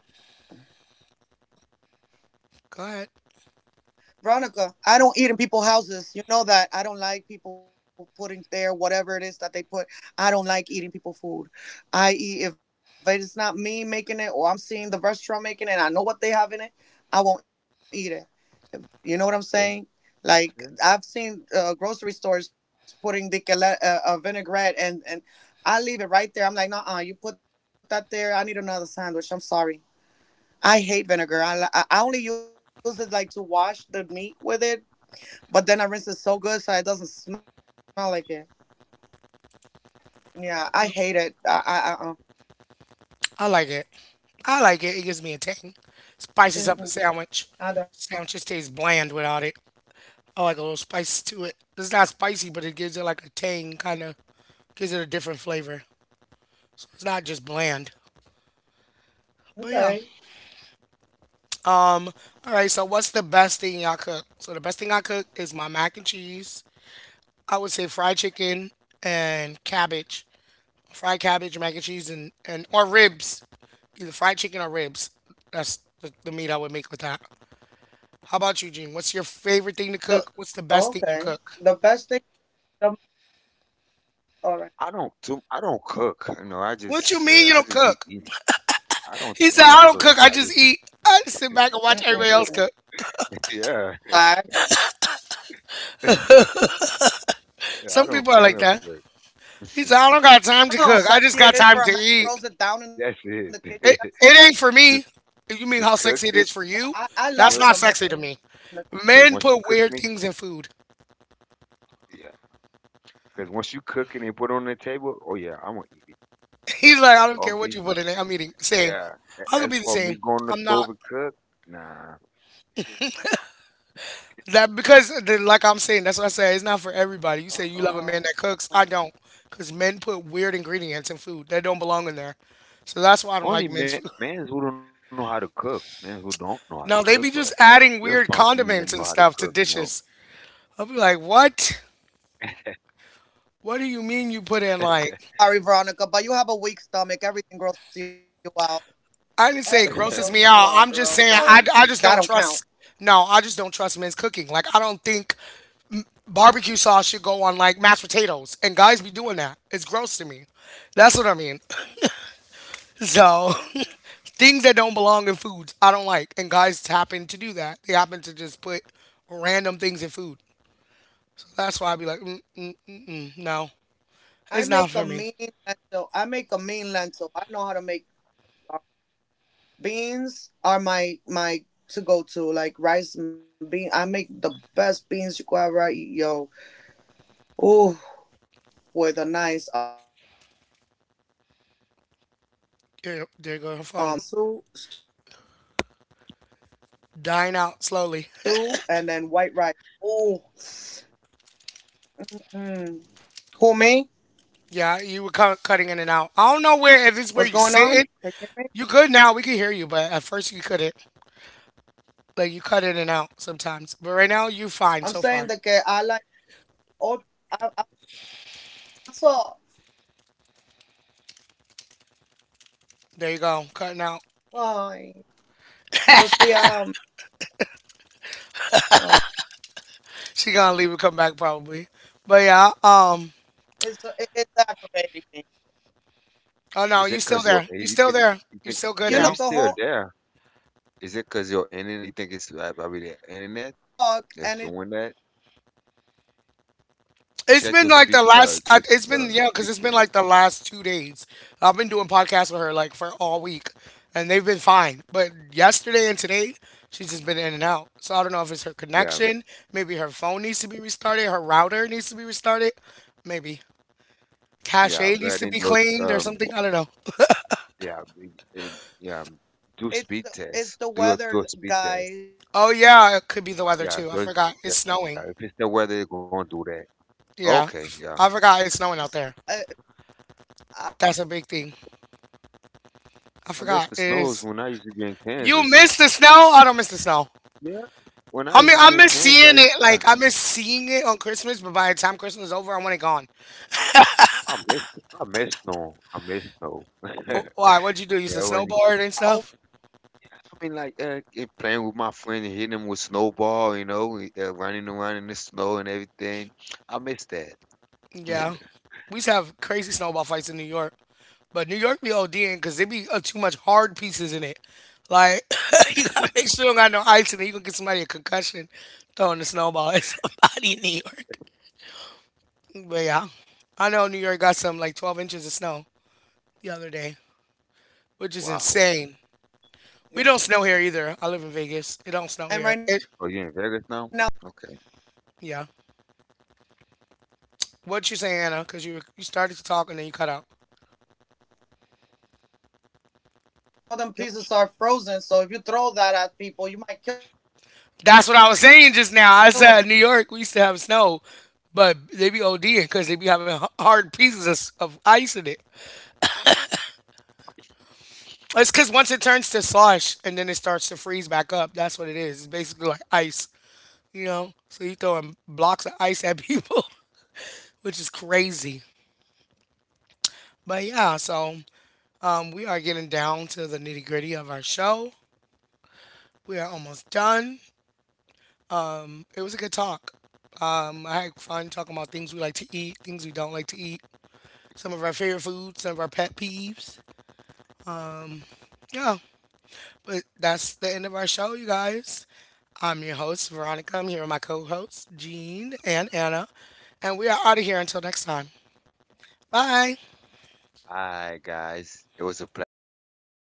S1: Go ahead.
S4: Veronica, I don't eat in people's houses. You know that I don't like people putting there whatever it is that they put. I don't like eating people food. I eat if it's not me making it, or I'm seeing the restaurant making it and I know what they have in it. I won't eat it. You know what I'm
S3: thing.
S4: saying?
S3: Okay.
S4: Like I've seen uh, grocery stores putting the uh, uh, vinaigrette and and I leave it right there. I'm like, nah, you put that there. I need another sandwich. I'm sorry. I hate vinegar. I li- I I only use it like to wash the meat with it, but then I rinse it so good so it doesn't smell like it.
S1: No.
S4: Yeah, I hate it. I I uh uh
S1: I like it. I like it. It gives me a tang. Spices up a
S4: Mm-mm,
S1: sandwich.
S4: I don't.
S1: Sandwiches taste bland without it. I like a little spice to it. It's not spicy, but it gives it like a tang, kind of gives it a different flavor. It's not just bland. But
S4: Okay.
S1: yeah. All right. So what's the best thing y'all cook? So the best thing I cook is my mac and cheese. I would say fried chicken and cabbage, fried cabbage, mac and cheese, and and or ribs, either fried chicken or ribs. That's the, the meat I would make with that. How about you, Gene? What's your favorite thing
S4: The
S1: to cook? What's the best thing
S4: Okay.
S1: you
S4: The
S1: cook?
S4: best thing. The, all
S3: I
S4: right.
S3: don't. Too. I don't cook. You know. I just. Uh,
S1: What
S3: I
S1: you
S3: just
S1: mean you
S3: be
S1: don't
S3: eating.
S1: cook?
S3: I don't. I
S1: He
S3: don't
S1: said, I
S3: cook.
S1: don't
S3: I
S1: cook. I
S3: just.
S1: just eat. I just sit back and watch everybody else
S4: Mm-mm.
S1: cook.
S3: Yeah. yeah,
S4: That's sad.
S3: I
S1: Some
S3: don't.
S1: people are
S3: I
S1: like
S3: don't
S1: that.
S3: cook.
S1: He said, I don't got time to
S4: You
S1: cook.
S4: know how
S1: I just got
S4: sexy it
S1: time to
S4: is for a man
S1: eat.
S4: to throws it down
S3: That's
S4: in the
S3: it.
S4: kitchen. That's
S1: It
S4: sexy.
S1: it ain't for
S3: just,
S1: me. You mean
S3: just
S1: how
S3: cook
S1: sexy it
S3: it.
S1: is for
S4: That-
S1: you?
S4: I, I
S3: You
S1: That's
S4: love
S3: know.
S4: it,
S1: not
S4: a man
S1: sexy to
S4: in the
S1: me.
S4: kitchen.
S3: Cause
S1: Men
S3: once you
S1: put
S3: cook
S1: weird
S3: me.
S1: things in food.
S3: Yeah. Cause once you cook it and put it on the table. Oh yeah. I'm gonna eat it. But
S1: He's like,
S3: that's
S1: I don't
S3: all
S1: care what
S3: me.
S1: you put in it. I'm eating same.
S3: Yeah, a-
S1: I'm gonna
S3: as
S1: be the
S3: for me
S1: same.
S3: going to the
S1: I'm not
S3: stove and cook, nah. Shit.
S1: that because the, like I'm saying. That's what I say. It's not for everybody. You say you love a man that
S4: Uh-uh.
S1: cooks. I don't, because men put weird ingredients in food that don't belong in there. So that's why I don't
S3: Only
S1: like
S3: men,
S1: men's food.
S3: mans who don't know how to cook, mans who don't know how to cook, but
S1: No, they be just
S3: you'll find
S1: adding
S3: some men
S1: weird
S3: that know how to
S1: condiments and
S3: cook, you
S1: stuff
S3: know.
S1: to dishes. I'll be like, what? What do you mean you put in like?
S4: Sorry, Veronica, but you have a weak stomach. Everything grosses you out.
S1: I didn't say it
S4: Everything
S1: grosses me
S4: grosses you
S1: out.
S4: out,
S1: I'm just
S4: girl.
S1: saying I,
S4: So
S1: I
S4: mm,
S1: just don't
S4: that don't
S1: trust.
S4: count.
S1: No, I just don't trust men's cooking. Like I don't think barbecue sauce should go on like mashed potatoes, and guys be doing that. It's gross to me. That's what I mean. So things that don't belong in foods, I don't like, and guys
S4: All
S1: happen
S4: right.
S1: to do that. They happen to just put random things in food. That's why I be like, mm, mm, mm, mm, no,
S4: I
S1: it's not
S4: make
S1: for
S4: a
S1: me.
S4: mean lentil. I make a mean lentil. I know how to make beans. Are my my To go to like rice and bean. I make the best beans you could ever eat, yo. Ooh, and I also like lentils. Were paired up with a
S1: There,
S4: nice
S1: there
S4: um
S1: go her phone.
S4: oxtail on the side, like like uh you know
S1: Dying
S4: oxtail
S1: out
S4: stew,
S1: slowly.
S4: stew, and then white rice. Oh, mm. Who me?
S1: Yeah, you were cut, cutting in and out. I don't know where if it's where you
S4: What's
S1: sitting.
S4: going on? Can
S1: You
S4: you
S1: good
S4: hear me?
S1: now. We can hear you, but at first you couldn't. Like you cut in and out sometimes. But right now you fine so
S4: I'm
S1: far.
S4: saying that okay, I like oh, I, I, oh, okay. If you know I'm fine, let me talk because then it cuts off.
S1: There you go. Cutting out.
S4: Ay, but
S3: Yeah.
S4: see, um, oh, I'm not
S1: She
S4: gonna say
S1: gonna leave and
S4: anything.
S1: come
S4: Then
S1: back
S4: never
S1: probably.
S4: mind.
S1: But yeah, um
S4: It's it, it's aggravating me.
S1: oh no,
S3: Is
S1: you
S3: it
S1: still
S3: 'cause you're
S1: there. You
S3: you
S1: still
S3: think
S1: there.
S3: you
S4: You
S1: You
S3: think
S4: know,
S1: still good
S3: Yeah,
S4: throughout
S3: you
S1: now.
S4: the
S3: still
S4: whole,
S3: there.
S4: throughout the
S3: Is it
S4: whole,
S3: 'cause you're in it? You think it's uh,
S4: throughout
S3: probably
S4: the
S3: the
S4: whole,
S3: internet that's
S4: throughout the
S3: doing that?
S4: whole recording, I try to
S1: It's
S3: Check
S1: been
S3: your
S1: like
S4: talk
S3: speak.
S1: the
S4: and it
S3: Uh,
S1: last
S4: just
S1: I-
S3: it,
S1: it's
S4: cuts me
S1: been
S3: uh,
S1: yeah,
S4: off.
S1: cuz
S3: speak
S1: it's been
S3: that.
S1: like the last two days.
S4: It's
S1: I've been doing
S4: aggravating.
S1: podcasts with her like for all week, and they've been fine. But yesterday and today she's just been in and out. So I don't know if it's her
S3: Yeah,
S1: connection, maybe her phone needs to be restarted, her router needs to be restarted. Maybe. Cache
S3: Yeah, go
S1: needs to
S3: ahead
S1: be
S3: and do
S1: cleaned or
S3: um
S1: something. I don't know.
S3: yeah
S4: It's
S3: and
S4: the
S3: yeah um,
S4: weather.
S3: do speed test. Do a
S4: It's
S3: do
S4: the
S3: a speed
S4: it's the
S3: test.
S1: Oh
S4: weather,
S1: yeah, it could be the
S4: guys.
S1: weather
S4: I
S1: too.
S3: Yeah,
S4: am
S1: I
S3: so it's
S4: o-
S1: forgot. It's
S3: yeah,
S4: I'm
S3: if it's
S1: snowing.
S4: under
S3: the
S4: a
S3: weather, it's gonna do that.
S4: wow.
S3: Okay,
S1: Yeah.
S3: yeah.
S1: I forgot it's snowing out there. That's a big
S4: I
S1: thing.
S4: I, I,
S3: I
S1: I
S4: I
S3: miss the
S1: forgot.
S4: over here
S1: It
S3: snows
S4: is a
S3: when
S1: is.
S3: I used to be in
S4: storm.
S3: Kansas.
S1: You miss the snow? I don't miss the snow.
S3: Yeah, when I
S1: I
S3: used to
S1: mean,
S3: be
S1: I
S3: in
S1: miss
S3: Kansas, I
S1: seeing it.
S3: yeah,
S1: Like, I miss seeing it on Christmas, but by the time Christmas is over, I want it gone.
S3: I miss I miss snow. I miss snow.
S1: Oh, why? What'd you do? You used to
S3: Yeah, when
S1: snowboard and stuff?
S3: I mean like uh, eh, playing with my friend and hitting him with snowball, you know, eh, uh, running around in the snow and everything. I miss that.
S1: Yeah. We used to have crazy snowball fights in New York. But New York be ODing because they be uh, too much hard pieces in it. Like you gotta make sure you don't got no ice in it. You gonna get somebody a concussion throwing a snowball at somebody in New York. But yeah, I know New York got some like twelve inches of snow the other day, which is
S3: Wow.
S1: insane. We
S3: Mhm.
S1: don't snow
S4: Yeah,
S1: here either. I live in Vegas. It don't snow here. It
S3: Oh,
S4: and
S3: you
S4: right
S3: in
S4: now
S3: Vegas
S4: it's
S3: now?
S4: crystal.
S3: Okay.
S1: yeah. What you saying, Anna? Because you were, you started to talk and then you cut out.
S4: You you're right. Like some of them pieces are frozen. So if you throw that at people, you
S1: That's what
S4: might
S1: I was
S4: kill them.
S1: saying just now. I said New York we used to have snow, but they be ODing because they be having h- hard pieces of, of ice in it. It's because once it turns to slush and then it starts to freeze back up, that's what it is. It's basically like ice, you know? So you throwing blocks of ice at people, which is crazy. But yeah, so um, we are getting down to the nitty gritty of our show. We are almost done. It was a good talk. Um, I had fun talking about things we like to eat, things we don't like to eat, some of our favorite foods, some of our pet peeves. Yeah, but that's the end of our show, you guys. I'm your host, Veronica. I'm here with my co hosts, Jean and Anna. And we are out of here until next time. Bye.
S3: All right, guys. It was a pleasure being here.